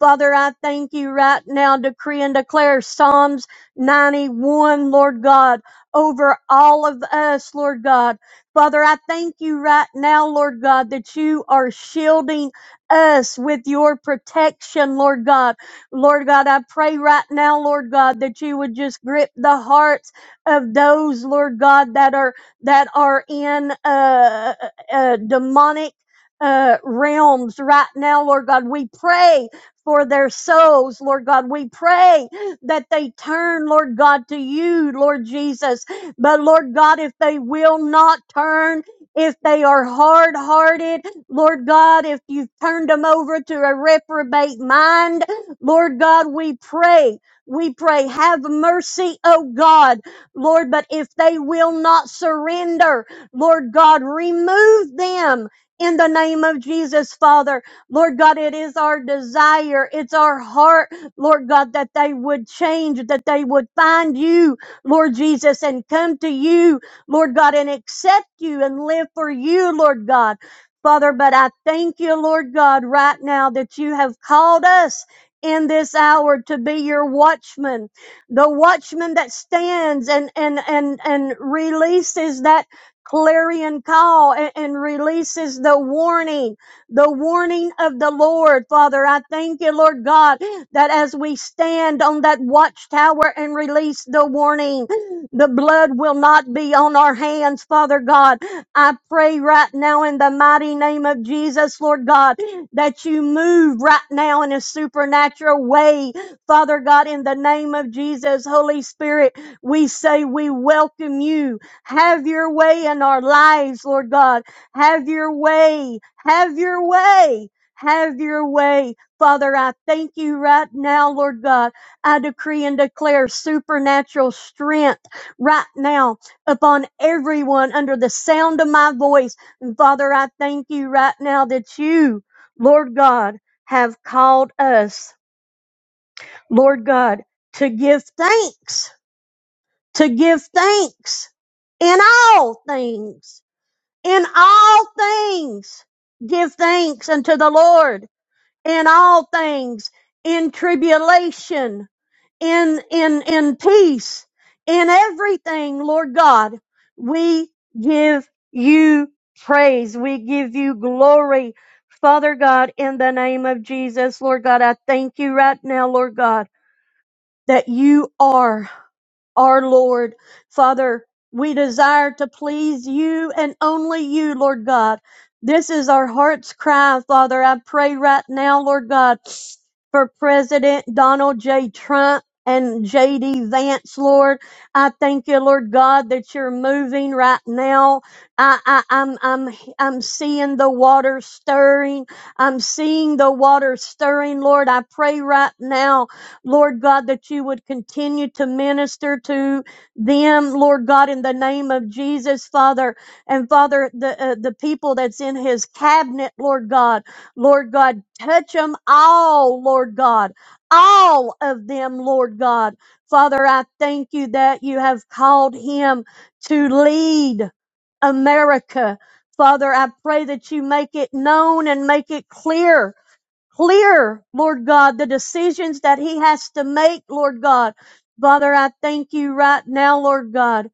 Father, I thank you right now. Decree and declare Psalms. 91, Lord God, over all of us, Lord God. Father, I thank you right now, Lord God, that you are shielding us with your protection, Lord God. Lord God, I pray right now, Lord God, that you would just grip the hearts of those, Lord God, that are that are in uh, uh, uh, demonic uh, realms right now, Lord God. We pray for their souls, Lord God. We pray that they turn, Lord God, to you, Lord Jesus. But Lord God, if they will not turn, if they are hard hearted, Lord God, if you've turned them over to a reprobate mind, Lord God, we pray. We pray, have mercy, O God, Lord. But if they will not surrender, Lord God, remove them in the name of Jesus, Father. Lord God, it is our desire, it's our heart Lord God, that they would change, that they would find you, Lord Jesus, and come to you, Lord God, and accept you and live for you, Lord God. Father, but I thank you, Lord God, right now that you have called us in this hour to be your watchman, the watchman that stands and, and, and, and releases that clarion call and, and releases the warning, the warning of the Lord. Father, I thank you, Lord God, that as we stand on that watchtower and release the warning, the blood will not be on our hands, Father God. I pray right now in the mighty name of Jesus, Lord God, that you move right now in a supernatural way, Father God, in the name of Jesus, Holy Spirit. We say we welcome you. Have your way in our lives, Lord God. Have your way. Have your way. Have your way Father, I thank you right now, Lord God. I decree and declare supernatural strength right now upon everyone under the sound of my voice. And Father, I thank you right now that you, Lord God, have called us, Lord God, to give thanks, to give thanks in all things, in all things. Give thanks unto the Lord in all things, in tribulation, in, in, in peace, in everything, Lord God, we give you praise. We give you glory. Father God, in the name of Jesus, Lord God, I thank you right now, Lord God, that you are. Our Lord, Father, we desire to please you and only you, Lord God. This is our heart's cry, Father. I pray right now, Lord God, for President Donald J. Trump and J.D. Vance, Lord. I thank you, Lord God, that you're moving right now. I, I, I'm, I'm, I'm seeing the water stirring. I'm seeing the water stirring, Lord. I pray right now Lord God, that you would continue to minister to them, Lord God, in the name of Jesus, Father. And Father, the, uh, the people that's in his cabinet, Lord God, Lord God, touch them all, Lord God, all of them, Lord God. Father, I thank you that you have called him to lead America. Father, I pray that you make it known and make it clear clear, Lord God, the decisions that he has to make, Lord God. Father, I thank you right now, Lord God,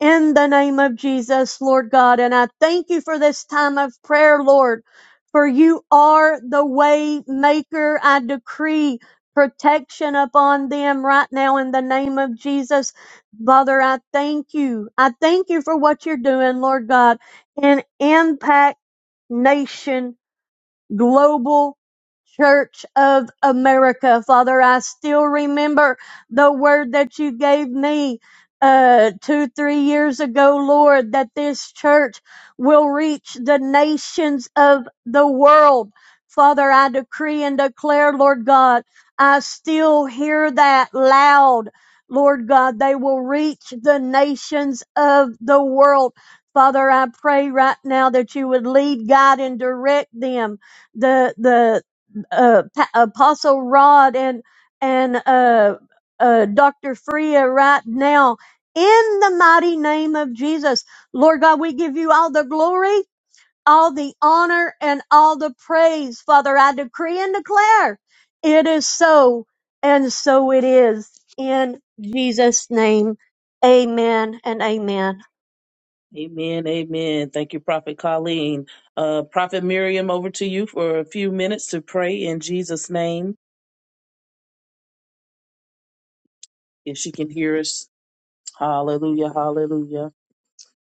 in the name of Jesus, Lord God. And I thank you for this time of prayer, Lord, for you are the way maker. I decree protection upon them right now in the name of Jesus. Father, I thank you. I thank you for what you're doing, Lord God, in Impact Nation Global Church of America. Father, I still remember the word that you gave me uh, two, three years ago, Lord, that this church will reach the nations of the world. Father, I decree and declare, Lord God, I still hear that loud. Lord God, they will reach the nations of the world. Father, I pray right now that you would lead, guide, and direct them the the uh, Pa- Apostle Rod and and uh, uh, Doctor Freya right now in the mighty name of Jesus, Lord God, we give you all the glory, all the honor, and all the praise, Father. I decree and declare it is so, and so it is in Jesus' name. Amen and amen.
Amen, amen. Thank you, Prophet Colleen. Uh, Prophet Miriam, over to you for a few minutes to pray in Jesus' name. If she can hear us, hallelujah, hallelujah.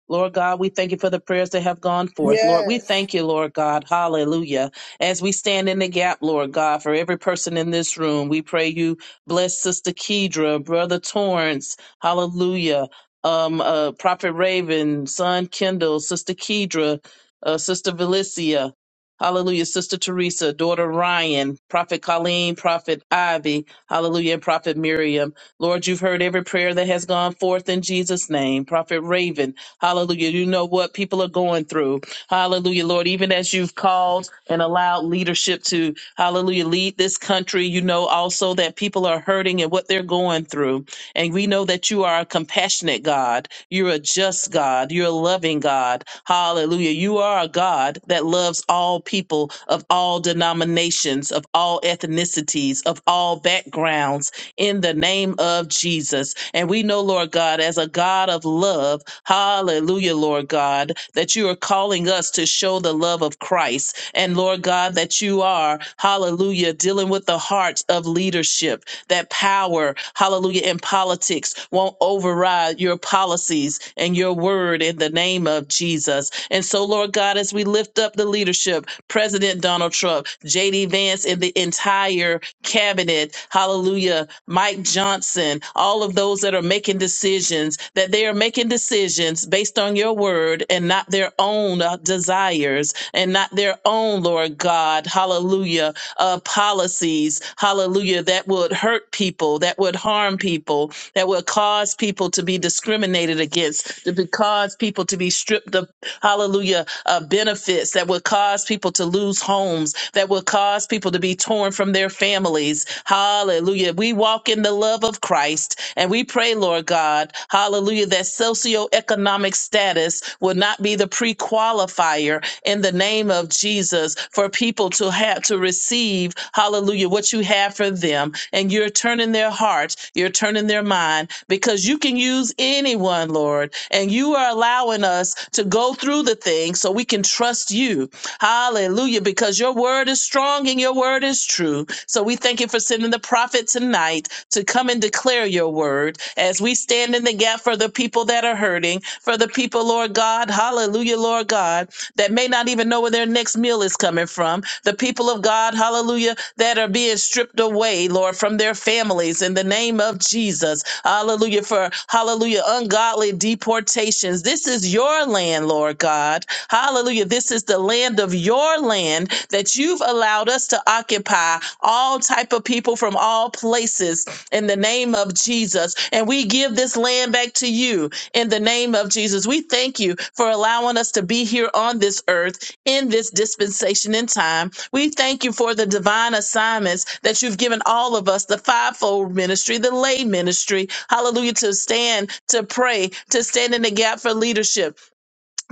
Lord God, we thank you for the prayers that have gone forth. Lord, we
Yes.
thank you, Lord God. Hallelujah. As we stand in the gap, Lord God, for every person in this room, we pray you bless Sister Kedra, Brother Torrance. Hallelujah. Um, uh, Prophet Raven, Son Kendall, Sister Kedra, uh, Sister Velicia. Hallelujah. Sister Teresa, daughter Ryan, Prophet Colleen, Prophet Ivy. Hallelujah. And Prophet Miriam. Lord, you've heard every prayer that has gone forth in Jesus' name. Prophet Raven. Hallelujah. You know what people are going through. Hallelujah, Lord. Even as you've called and allowed leadership to, hallelujah, lead this country, you know also that people are hurting and what they're going through. And we know that you are a compassionate God. You're a just God. You're a loving God. Hallelujah. You are a God that loves all people of all denominations, of all ethnicities, of all backgrounds in the name of Jesus. And we know, Lord God, as a God of love, hallelujah, Lord God, that you are calling us to show the love of Christ. And Lord God, that you are, hallelujah, dealing with the heart of leadership that power, hallelujah, in politics won't override your policies and your word in the name of Jesus. And so, Lord God, as we lift up the leadership, President Donald Trump, J.D. Vance, and the entire cabinet, hallelujah, Mike Johnson, all of those that are making decisions, that they are making decisions based on your word and not their own uh, desires and not their own, Lord God, hallelujah, uh, policies, hallelujah, that would hurt people, that would harm people, that would cause people to be discriminated against, that would cause people to be stripped of, hallelujah, uh, benefits, that would cause people to lose homes, that would cause people to be torn from their families. Hallelujah. We walk in the love of Christ and we pray, Lord God, hallelujah, that socioeconomic status will not be the pre qualifier in the name of Jesus. Jesus, for people to have to receive, hallelujah, what you have for them. And you're turning their heart, you're turning their mind, because you can use anyone, Lord. And you are allowing us to go through the thing so we can trust you. Hallelujah, because your word is strong and your word is true. So we thank you for sending the prophet tonight to come and declare your word as we stand in the gap for the people that are hurting, for the people, Lord God. Hallelujah, Lord God that may not even know where their next meal is coming from. The people of God, hallelujah, that are being stripped away, Lord, from their families in the name of Jesus. Hallelujah, for hallelujah, ungodly deportations. This is your land, Lord God. Hallelujah. This is the land of your land that you've allowed us to occupy all type of people from all places in the name of Jesus. And we give this land back to you in the name of Jesus. We thank you for allowing us to be here on this earth in this dispensation in time. We thank you for the divine assignments that you've given all of us the fivefold ministry, the lay ministry. Hallelujah. To stand, to pray, to stand in the gap for leadership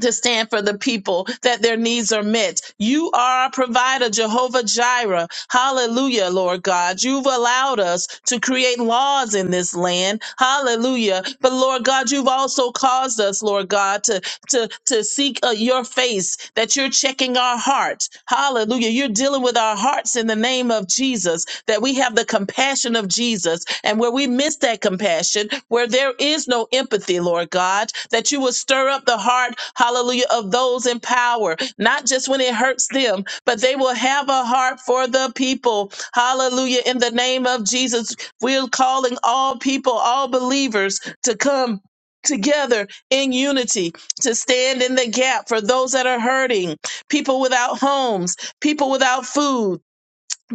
to stand for the people that their needs are met. You are our provider, Jehovah Jireh. Hallelujah, Lord God. You've allowed us to create laws in this land. Hallelujah. But Lord God, you've also caused us, Lord God, to to to seek uh, your face that you're checking our heart hallelujah you're dealing with our hearts in the name of jesus that we have the compassion of jesus and where we miss that compassion where there is no empathy lord god that you will stir up the heart hallelujah of those in power not just when it hurts them but they will have a heart for the people hallelujah in the name of jesus we're calling all people all believers to come together in unity to stand in the gap for those that are hurting, people without homes, people without food.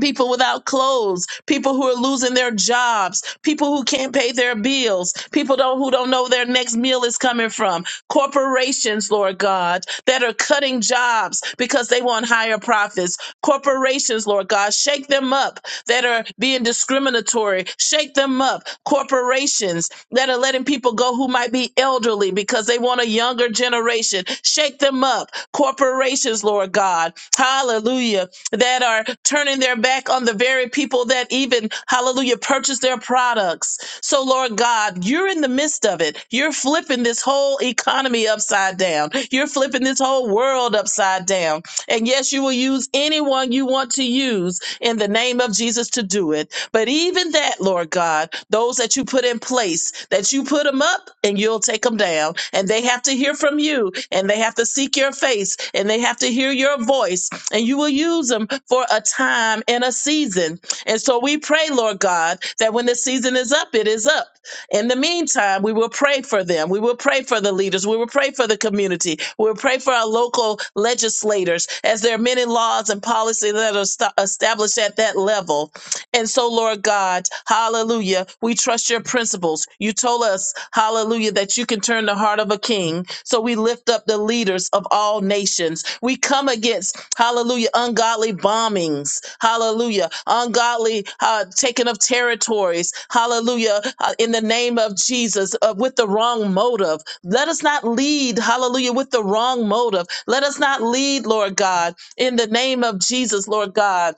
People without clothes, people who are losing their jobs, people who can't pay their bills, people don't, who don't know where their next meal is coming from. Corporations, Lord God, that are cutting jobs because they want higher profits. Corporations, Lord God, shake them up that are being discriminatory. Shake them up. Corporations that are letting people go who might be elderly because they want a younger generation. Shake them up. Corporations, Lord God, hallelujah, that are turning their back on the very visionary people that even, hallelujah, purchase their products. So, Lord God, you're in the midst of it. You're flipping this whole economy upside down. You're flipping this whole world upside down. And yes, you will use anyone you want to use in the name of Jesus to do it. But even that, Lord God, those that you put in place, that you put them up and you'll take them down. And they have to to hear from you and they have to seek your face and they have to hear your voice and you will use them for a time and a season. And so we pray, Lord God, that when the season is up, it is up. In the meantime, we will pray for them. We will pray for the leaders. We will pray for the community. We will pray for our local legislators as there are many laws and policies that are sta- established at that level. And so, Lord God, hallelujah, we trust your principles. You told us, hallelujah, that you can turn the heart of a king. So we lift up the leaders of all nations. We come against, hallelujah, ungodly bombings, hallelujah, ungodly uh, taking of territories, hallelujah, uh, in the name of Jesus, uh, with the wrong motive. Let us not lead, hallelujah, with the wrong motive. Let us not lead, Lord God, in the name of Jesus, Lord God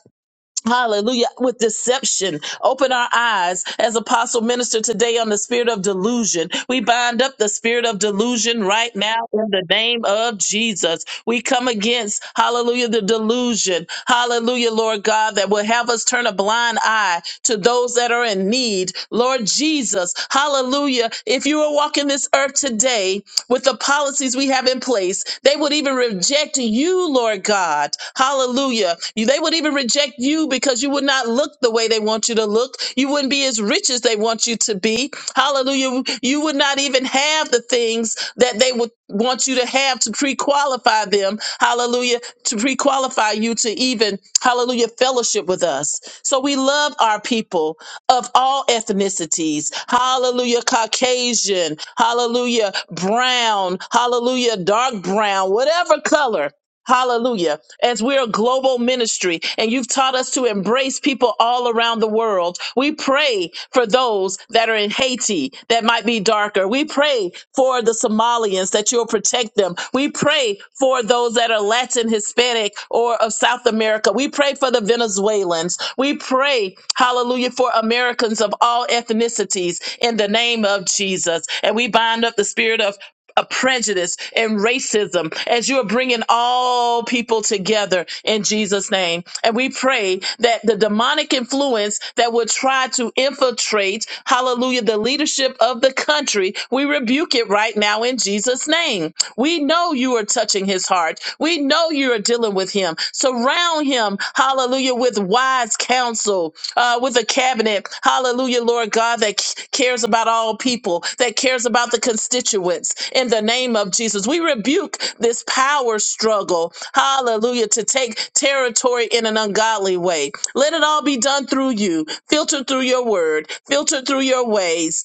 Hallelujah. With deception, open our eyes as apostle minister today on the spirit of delusion. We bind up the spirit of delusion right now in the name of Jesus. We come against, hallelujah, the delusion. Hallelujah, Lord God, that will have us turn a blind eye to those that are in need. Lord Jesus, hallelujah. If you were walking this earth today with the policies we have in place, they would even reject you, Lord God. Hallelujah Hallelujah. You- They would even reject you because you would not look the way they want you to look. You wouldn't be as rich as they want you to be. Hallelujah. You would not even have the things that they would want you to have to pre qualify them. Hallelujah. To pre qualify you to even, hallelujah, fellowship with us. So we love our people of all ethnicities. Hallelujah. Caucasian. Hallelujah. Brown. Hallelujah. Dark brown. Whatever color. Hallelujah. As we're a global ministry and you've taught us to embrace people all around the world, we pray for those that are in Haiti that might be darker. We pray for the Somalians that you'll protect them. We pray for those that are Latin, Hispanic, or of South America. We pray for the Venezuelans. We pray, hallelujah, for Americans of all ethnicities in the name of Jesus. And we bind up the spirit of of prejudice and racism as you're bringing all people together in Jesus' name. And we pray that the demonic influence that would try to infiltrate, hallelujah, the leadership of the country, we rebuke it right now in Jesus' name. We know you are touching his heart. We know you are dealing with him. Surround him wisdom, hallelujah, with wise counsel, uh, with a cabinet, hallelujah, Lord God, that c- cares about all people, that cares about the constituents in the name of Jesus. We rebuke this power struggle, hallelujah, to take territory in an ungodly way. Let it all be done through you, filtered through your word, filtered through your ways,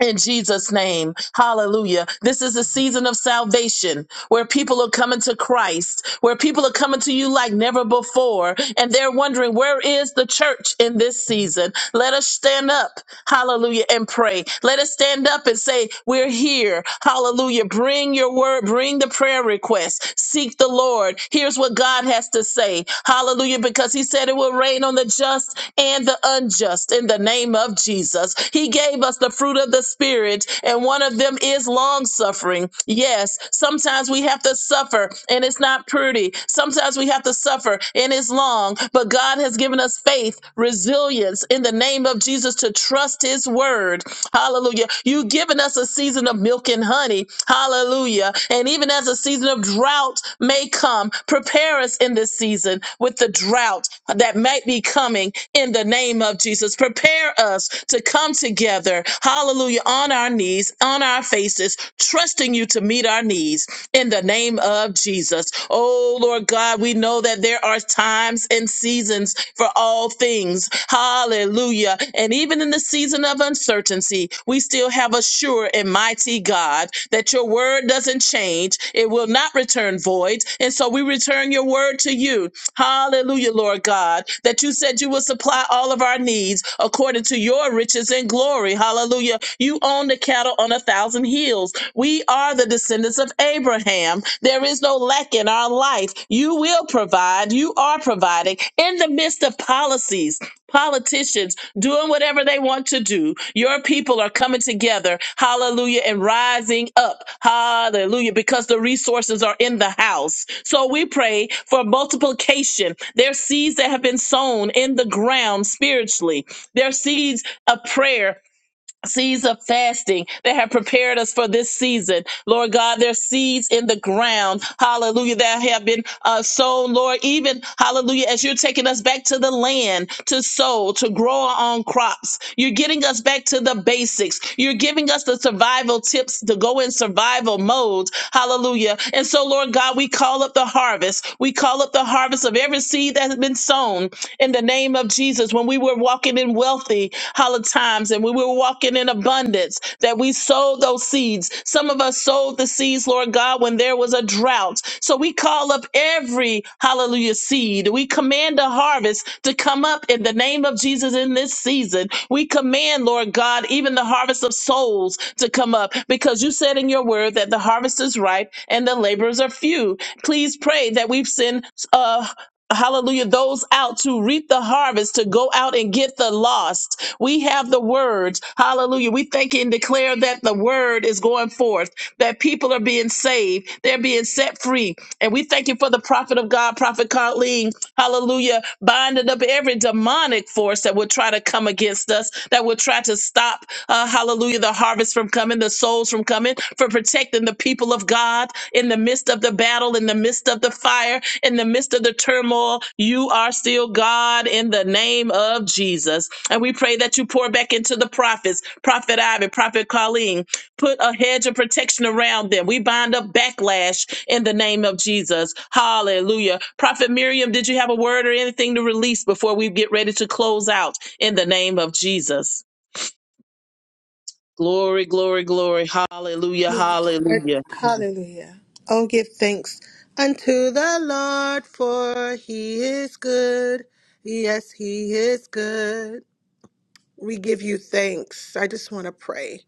in Jesus' name. Hallelujah. This is a season of salvation where people are coming to Christ, where people are coming to you like never before, and they're wondering, where is the church in this season? Let us stand up, hallelujah, and pray. Let us stand up and say, We're here, hallelujah. Bring your word, bring the prayer request, seek the Lord. Here's what God has to say, hallelujah, because He said it will rain on the the just and the unjust in the name of Jesus. He gave us the fruit of the Spirit, and one of them is long suffering. Yes, sometimes we have to suffer and it's not pretty. Sometimes we have to suffer and it's long, but God has given us faith, resilience in the name of Jesus to trust His word. Hallelujah. You've given us a season of milk and honey. Hallelujah. And even as a season of drought, drought may come. Prepare us in this season with the drought that might be coming in the name of Jesus. Prepare us to come together, hallelujah, on our knees, on our faces, trusting you to meet our needs in the name of Jesus. Oh, Lord God, we know that there are times and seasons for all things. Hallelujah. And even in the season of uncertainty, we still have a but sure and mighty God, that your word doesn't change. It will not return void. And so we return your word to you. Hallelujah, Lord God, that you said you will supply all of our needs according to your riches and glory. Hallelujah. You own the cattle on a thousand hills. We are the descendants of Abraham. There is no lack in our life. You will provide. You are providing in the midst of policies politicians doing whatever they want to do. Your people are coming together, hallelujah, and rising up, hallelujah, because the resources are in the house. So we pray for multiplication. There are seeds that have been sown in the ground spiritually, there are seeds of prayer seeds of fasting that have prepared us for this season. Lord God, there's seeds in the ground. Hallelujah. That have been uh, sown, Lord. Even, hallelujah, as you're taking us back to the land to sow, to grow our own crops. You're getting us back to the basics. You're giving us the survival tips to go in survival mode. Hallelujah. And so, Lord God, we call up the harvest. We call up the harvest of every seed that has been sown in the name of Jesus. When we were walking in wealthy hallowed times and we were walking in abundance, that we sowed those seeds. Some of us sowed the seeds, Lord God, when there was a drought. So we call up every hallelujah seed. We command a harvest to come up in the name of Jesus in this season. We command, Lord God, even the harvest of souls to come up because you said in your word that the harvest is ripe and the laborers are few. Please pray that we send uh, hallelujah, those out to reap the harvest, to go out and get the lost. We have the word, hallelujah. We thank and declare that the word is going forth, that people are being saved, they're being set free. And we thank you for the prophet of God, Prophet Colleen, hallelujah, binding up every demonic force that would try to come against us, that would try to stop, uh, hallelujah, the harvest from coming, the souls from coming, for protecting the people of God in the midst of the battle, in the midst of the fire in the midst of the turmoil, you are still God in the name of Jesus. And we pray that you pour back into the prophets, Prophet Ivan, Prophet Colleen, put a hedge of protection around them. We bind up backlash in the name of Jesus. Hallelujah. Prophet Miriam, did you have a word or anything to release before we get ready to close out in the name of Jesus? Glory, glory, glory. Hallelujah, hallelujah.
Hallelujah. Oh, give thanks unto the Lord, for he is good. Yes, he is good. We give you thanks. I just want to pray.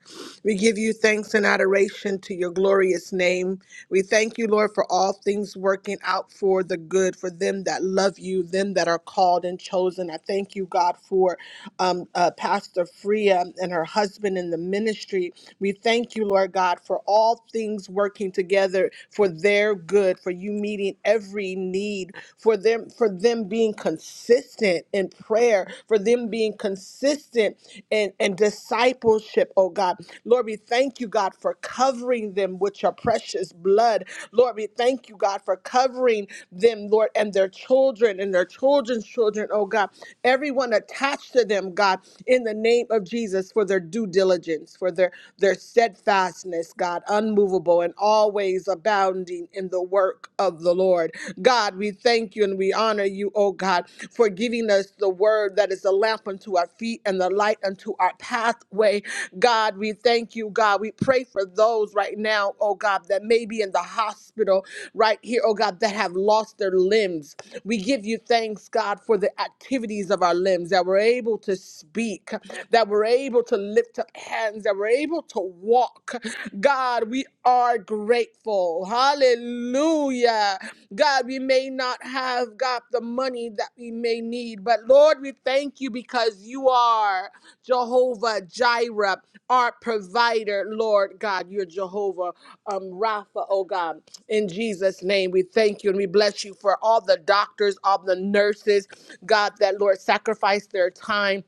We give you thanks and adoration to your glorious name. We thank you, Lord, for all things working out for the good, for them that love you, them that are called and chosen. I thank you, God, for um, uh, Pastor Freya and her husband in the ministry. We thank you, Lord God, for all things working together for their good, for you meeting every need, for them, for them being consistent consistent in prayer, for them being consistent in, in discipleship, oh God. Lord, we thank you, God, for covering them with your precious blood. Lord, we thank you, God, for covering them, Lord, and their children and their children's children, oh God. Everyone attached to them, God, in the name of Jesus, for their due diligence diligence, for their, their steadfastness, God, unmovable and always abounding in the work of the Lord. God, we thank you and we honor you, oh God, for giving us the word that is a lamp unto our feet and the light unto our pathway. God, we thank you, God. We pray for those right now, oh God, that may be in the hospital right here, oh God, that have lost their limbs. We give you thanks, God, for the activities of our limbs that we're able to speak that we're able to lift up hands, that we're able to walk. God, we are grateful. Hallelujah. God, we may not have got the money that we may need, but Lord, we thank you because you are Jehovah Jireh, our provider, Lord God. You're Jehovah um, Rapha, oh God. In Jesus' name, we thank you and we bless you for all the doctors, all the nurses, God, that Lord sacrificed their time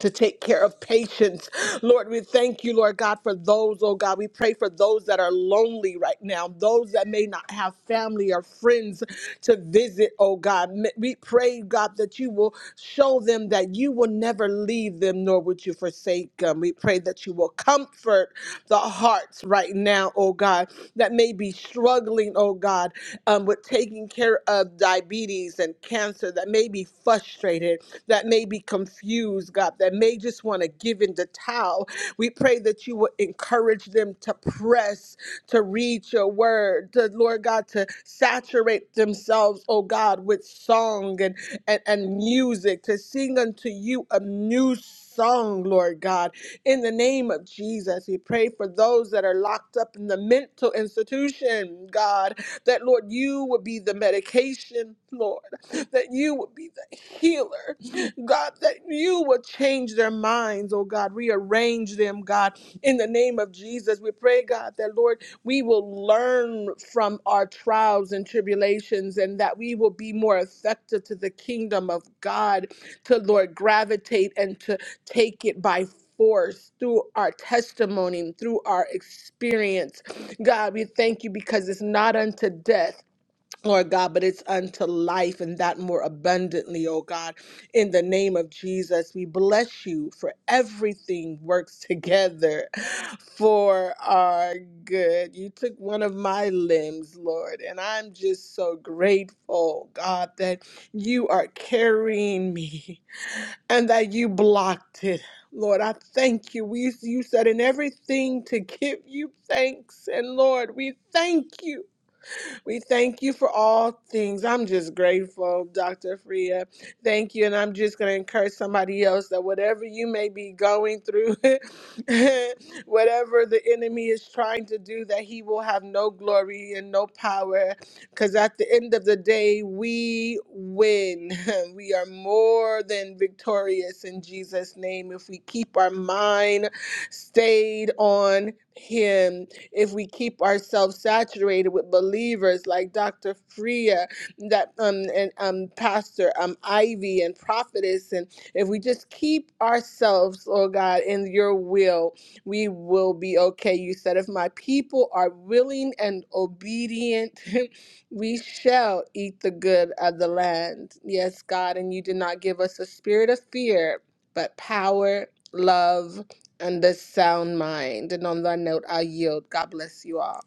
to take care of patients. Lord, we thank you, Lord God, for those, oh God. We pray for those that are lonely right now, those that may not have family or friends to visit, oh God. M- We pray, God, that you will show them that you will never leave them nor would you forsake them. We pray that you will comfort the hearts right now, oh God, that may be struggling, oh God, um, with taking care of diabetes and cancer, that may be frustrated that may be confused, God, that may just want to give in the towel. We pray that you would encourage them to press, to read your word, to, Lord God, to saturate themselves, oh God, with song and, and, and music, to sing unto you a new song, Lord God. In the name of Jesus, we pray for those that are locked up in the mental institution, God, that Lord, you would be the medication, Lord, that you would be the healer, God, that you will change their minds, oh God, rearrange them, God, in the name of Jesus. We pray, God, that Lord, we will learn from our trials and tribulations and that we will be more effective to the kingdom of God, to Lord, gravitate and to take it by force through our testimony, through our experience. God, we thank you because it's not unto death. Lord God, but it's unto life and that more abundantly, oh God. In the name of Jesus, we bless you for everything works together for our good. You took one of my limbs, Lord, and I'm just so grateful, God, that you are carrying me and that you blocked it. Lord, I thank you. We, you said in everything to give you thanks. And Lord, we thank you. We thank you for all things. I'm just grateful, Dr. Freya. Thank you. And I'm just going to encourage somebody else that whatever you may be going through, whatever the enemy is trying to do, that he will have no glory and no power. Because at the end of the day, we win. We are more than victorious in Jesus' name if we keep our mind stayed on him if we keep ourselves saturated with believers like Dr. Freya, that um and um Pastor um Ivy and Prophetess, and if we just keep ourselves, oh God, in your will, we will be okay. You said, if my people are willing and obedient, we shall eat the good of the land. Yes, God, and you did not give us a spirit of fear, but power. Love and this sound mind. And on that note, I yield. God bless you all.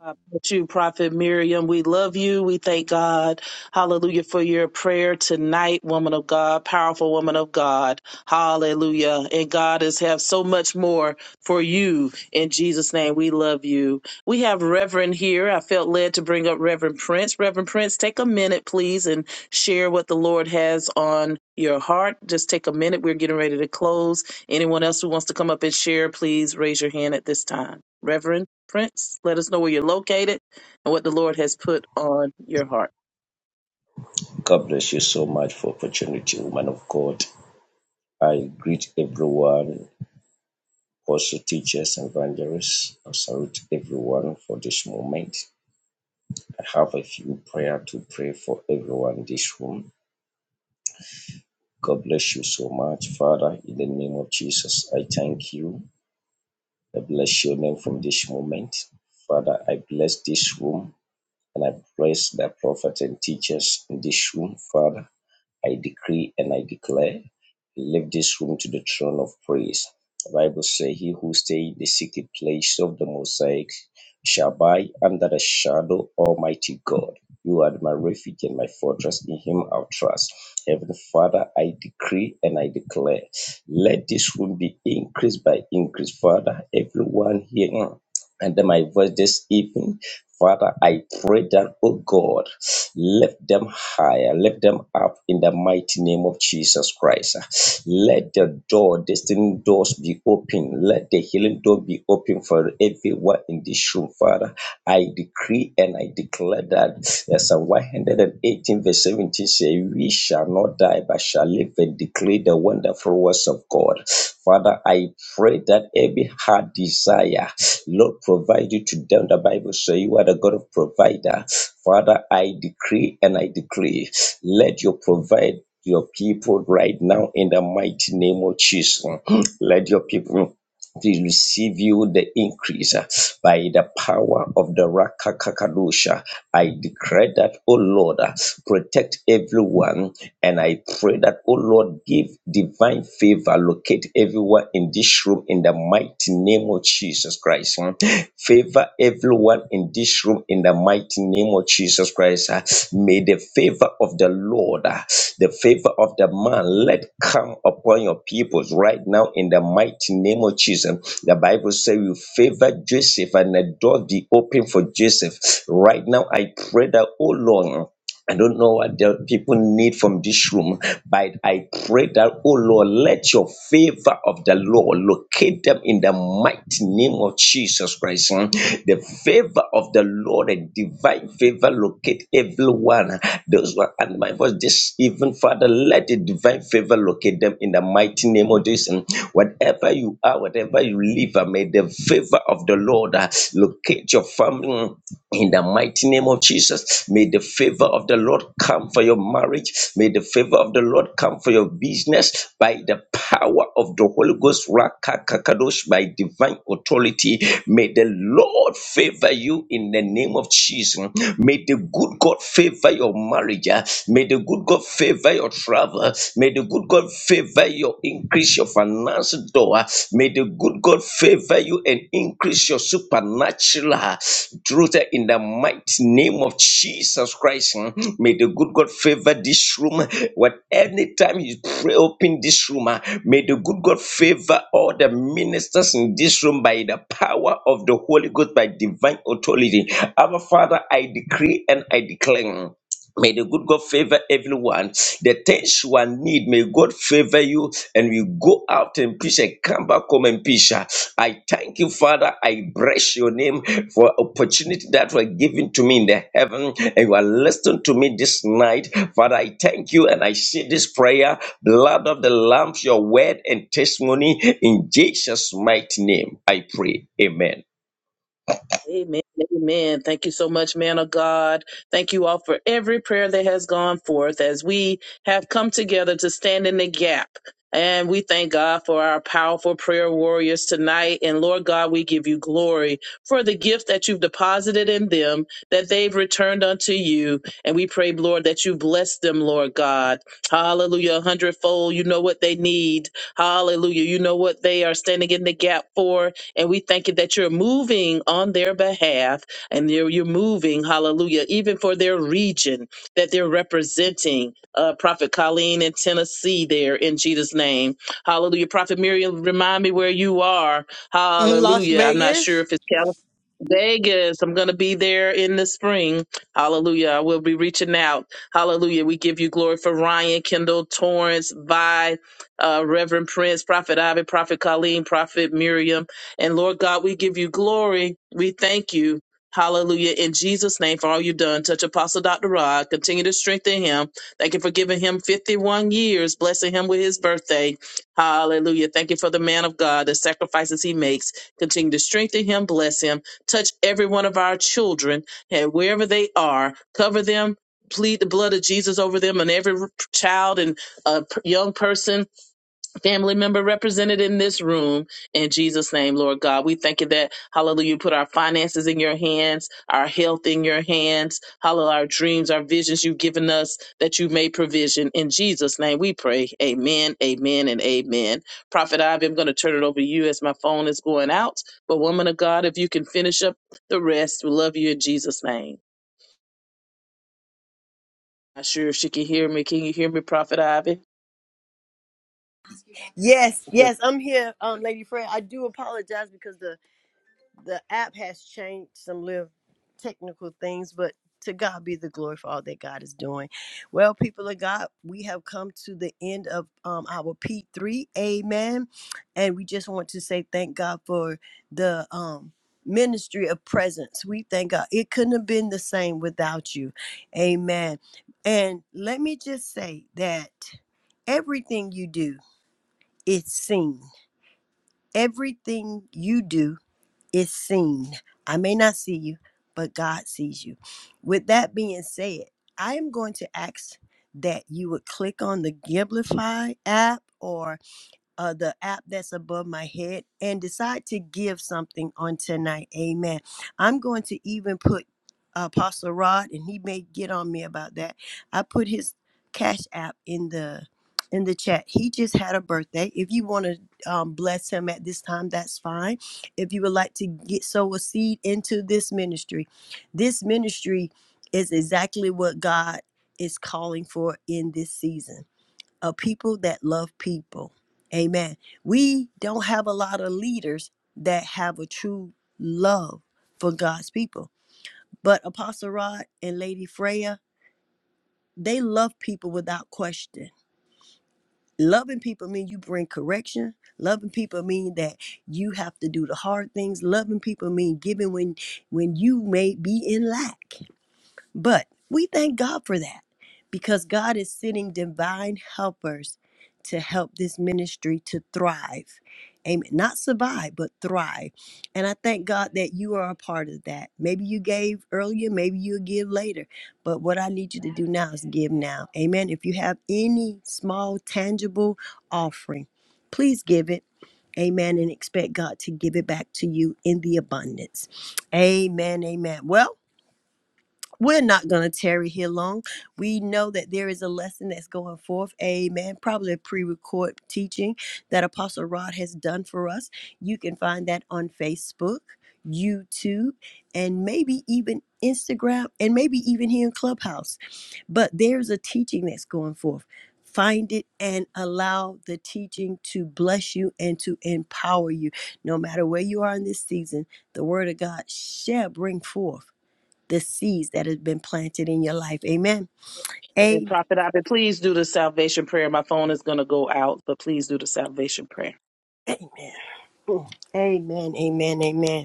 God bless you, Prophet Miriam. We love you. We thank God. Hallelujah for your prayer tonight, woman of God, powerful woman of God. Hallelujah. And God has have so much more for you. In Jesus' name, we love you. We have Reverend here. I felt led to bring up Reverend Prince. Reverend Prince, take a minute, please, and share what the Lord has on your heart. Just take a minute. We're getting ready to close. Anyone else who wants to come up and share, please raise your hand at this time. Reverend Prince, let us know where you're located and what the Lord has put on your heart.
God bless you so much for opportunity, woman of God. I greet everyone, also teachers and evangelists. I salute everyone for this moment. I have a few prayer to pray for everyone in this room. God bless you so much, Father. In the name of Jesus, I thank you. I bless your name from this moment. Father, I bless this room and I bless the prophet and teachers in this room, Father. I decree and I declare, leave this room to the throne of praise. The Bible says, He who stay in the secret place of the mosaic shall abide under the shadow of Almighty God. You are my refuge and my fortress, in Him I'll trust. Heavenly Father, I decree and I declare, let this room be increased by increase. Father, everyone here and my voice this evening. Father, I pray that, oh God, lift them higher, lift them up in the mighty name of Jesus Christ. Let the door, destiny doors be open. Let the healing door be open for everyone in this room, Father. I decree and I declare that uh, Psalm 118 verse 17 it says, We shall not die, but shall live and declare the wonderful works of God. Father, I pray that every heart desire, Lord, provide you to them. The Bible says you are the God of provider. Father, I decree and I decree, let you provide your people right now in the mighty name of Jesus. Let your people to receive you the increase uh, by the power of the Rakakakadosha. I declare that, O Lord, uh, protect everyone. And I pray that, O Lord, give divine favor, locate everyone in this room in the mighty name of Jesus Christ. mm. Favor everyone everyone in this room in the mighty name of Jesus Christ. Uh, May the favor of the Lord, uh, the favor of the man, let come upon your peoples right now in the mighty name of Jesus. The Bible says you favor Joseph and the door be open for Joseph. Right now, I pray that, oh Lord. I don't know what the people need from this room, but I pray that, oh Lord, let your favor of the Lord locate them in the mighty name of Jesus Christ. hmm. The favor of the Lord, a divine favor, locate everyone. Those who are under my voice, this even Father, let the divine favor locate them in the mighty name of Jesus. Hmm? Whatever you are, whatever you live, may the favor of the Lord. Lord, uh, locate your family in the mighty name of Jesus. May the favor of the Lord come for your marriage. May the favor of the Lord come for your business by the power of the Holy Ghost, Rakakakadosh, by divine authority. May the Lord favor you in the name of Jesus. May the good God favor your marriage. uh. May the good God favor your travel. May the good God favor your your increase, your financial door. ah. May the good God favor you and increase your supernatural ah, truth ah, in the mighty name of Jesus Christ. mm. May the good God favor this room. What anytime you pray, open this room. ah, May the good God favor all the ministers in this room by the power of the Holy Ghost, by divine authority. Our Father, I decree and I declare. May the good God favor everyone. The things you are need, may God favor you and we go out in peace and come back home in peace. Ah, I thank you, Father. I bless your name for opportunity that were given to me in the heaven and you are listening to me this night. Father, I thank you and I say this prayer, blood of the lamb, your word and testimony in Jesus' mighty name. I pray. Amen.
Amen. Amen. Thank you so much, man of God. Thank you all for every prayer that has gone forth as we have come together to stand in the gap. And we thank God for our powerful prayer warriors tonight. And Lord God, we give you glory for the gift that you've deposited in them, that they've returned unto you. And we pray, Lord, that you bless them, Lord God. Hallelujah. A hundredfold. You know what they need. Hallelujah. You know what they are standing in the gap for and we thank you that you're moving on their behalf and you're, you're moving, hallelujah, even for their region that they're representing. Uh, Prophet Colleen in Tennessee, there in Jesus' name. Hallelujah. Prophet Miriam, remind me where you are.
In Las
Hallelujah. I'm not sure
Vegas?
if it's California. Vegas. I'm going to be there in the spring. Hallelujah. We'll be reaching out. Hallelujah. We give you glory for Ryan, Kendall, Torrance, Vi, uh, Reverend Prince, Prophet Ivy, Prophet Colleen, Prophet Miriam. And Lord God, we give you glory. We thank you. Hallelujah. In Jesus' name, for all you've done. Touch Apostle Dr. Rod. Continue to strengthen him. Thank you for giving him 51 years, blessing him with his birthday. Hallelujah. Thank you for the man of God, the sacrifices he makes. Continue to strengthen him, bless him. Touch every one of our children, and wherever they are, cover them. Plead the blood of Jesus over them and every child and uh, p- young person family member represented in this room. In Jesus' name, Lord God, we thank you that, hallelujah, you put our finances in your hands, our health in your hands, hallelujah, our dreams, our visions you've given us that you made provision. In Jesus' name, we pray. Amen, amen, and amen. Prophet Ivy, I'm going to turn it over to you as my phone is going out. But, woman of God, if you can finish up the rest, we love you in Jesus' name. Not sure if she can hear me. Can you hear me, Prophet Ivy?
Yes, yes, I'm here, um, Lady Fred. I do apologize because the the app has changed some little technical things, but to God be the glory for all that God is doing. Well, people of God, we have come to the end of um, our P3. Amen. And we just want to say thank God for the um, ministry of presence. We thank God. It couldn't have been the same without you. Amen. And let me just say that everything you do is seen. Everything you do is seen. I may not see you, but God sees you. With that being said, I am going to ask that you would click on the Giblify app or uh, the app that's above my head and decide to give something on tonight. Amen. I'm going to even put uh, Apostle Rod, and he may get on me about that. I put his cash app in the in the chat. He just had a birthday. If you want to um, bless him at this time, that's fine. If you would like to get sow a seed into this ministry, this ministry is exactly what God is calling for in this season a people that love people. Amen. We don't have a lot of leaders that have a true love for God's people. But Apostle Rod and Lady Freya, they love people without question. Loving people mean you bring correction. Loving people mean that you have to do the hard things. Loving people mean giving when when you may be in lack. But we thank God for that because God is sending divine helpers to help this ministry to thrive. Amen. Not survive, but thrive. And I thank God that you are a part of that. Maybe you gave earlier, maybe you'll give later. But what I need you to do now is give now. Amen. If you have any small, tangible offering, please give it. Amen. And expect God to give it back to you in the abundance. Amen. Amen. Well, we're not going to tarry here long. We know that there is a lesson that's going forth. Amen. Probably a pre record teaching that Apostle Rod has done for us. You can find that on Facebook, YouTube, and maybe even Instagram, and maybe even here in Clubhouse. But there's a teaching that's going forth. Find it and allow the teaching to bless you and to empower you. No matter where you are in this season, the Word of God shall bring forth the seeds that have been planted in your life. Amen.
And
A-
Prophet Abby, please do the salvation prayer. My phone is going to go out, but please do the salvation prayer.
Amen. Mm. Amen. Amen. Amen.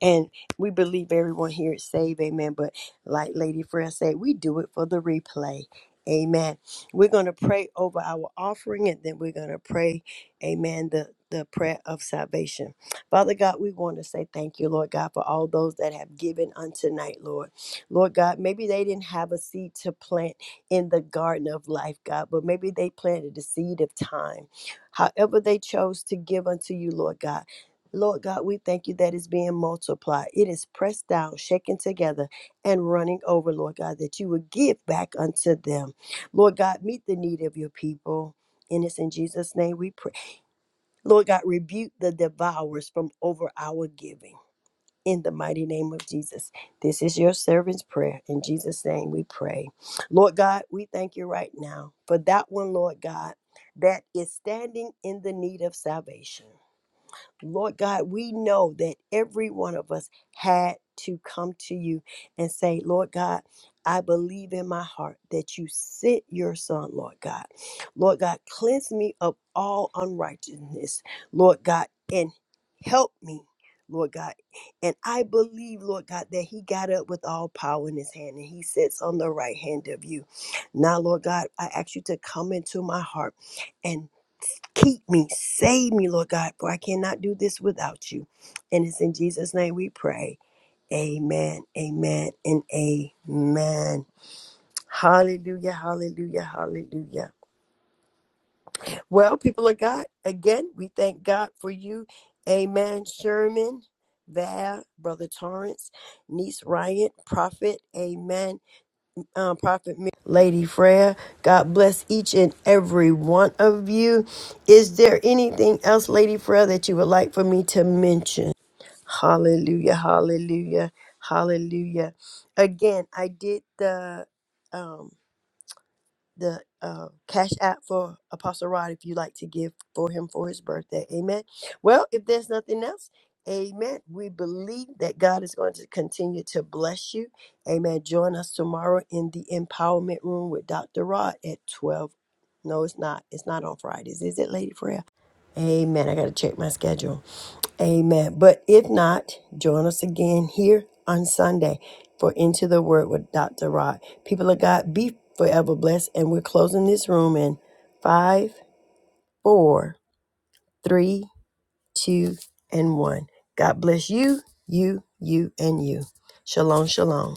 And we believe everyone here is saved, amen. But like Lady Freya said, we do it for the replay. Amen. We're gonna pray over our offering and then we're gonna pray, amen, the the prayer of salvation. Father God, we want to say thank you, Lord God, for all those that have given unto night, Lord. Lord God, maybe they didn't have a seed to plant in the garden of life, God, but maybe they planted a seed of time. However, they chose to give unto you, Lord God. Lord God, we thank you that it's being multiplied. It is pressed down, shaken together, and running over, Lord God, that you would give back unto them. Lord God, meet the need of your people. And it's in Jesus' name we pray. Lord God, rebuke the devourers from over our giving. In the mighty name of Jesus. This is your servant's prayer. In Jesus' name we pray. Lord God, we thank you right now for that one, Lord God, that is standing in the need of salvation. Lord God, we know that every one of us had to come to you and say, Lord God, I believe in my heart that you sent your son, Lord God. Lord God, cleanse me of all unrighteousness, Lord God, and help me, Lord God. And I believe, Lord God, that he got up with all power in his hand and he sits on the right hand of you. Now, Lord God, I ask you to come into my heart and Keep me, save me, Lord God, for I cannot do this without you. And it's in Jesus' name we pray. Amen, amen, and amen. Hallelujah, hallelujah, hallelujah. Well, people of God, again, we thank God for you. Amen. Sherman, Val, Brother Torrance, Niece Ryan, Prophet, amen um, Prophet Mi- Lady Freya. God bless each and every one of you. Is there anything else, Lady Freya, that you would like for me to mention? Hallelujah, hallelujah, hallelujah. Again, I did the. um the uh, cash app for Apostle Rod if you like to give for him for his birthday. Amen. Well, if there's nothing else, amen. We believe that God is going to continue to bless you. Amen. Join us tomorrow in the empowerment room with Dr. Rod at 12. No, it's not. It's not on Fridays. Is it, Lady Freya? Amen. I got to check my schedule. Amen. But if not, join us again here on Sunday for Into the Word with Dr. Rod. People of God, be forever blessed. And we're closing this room in five, four, three, two, and one. God bless you, you, you, and you. Shalom, shalom.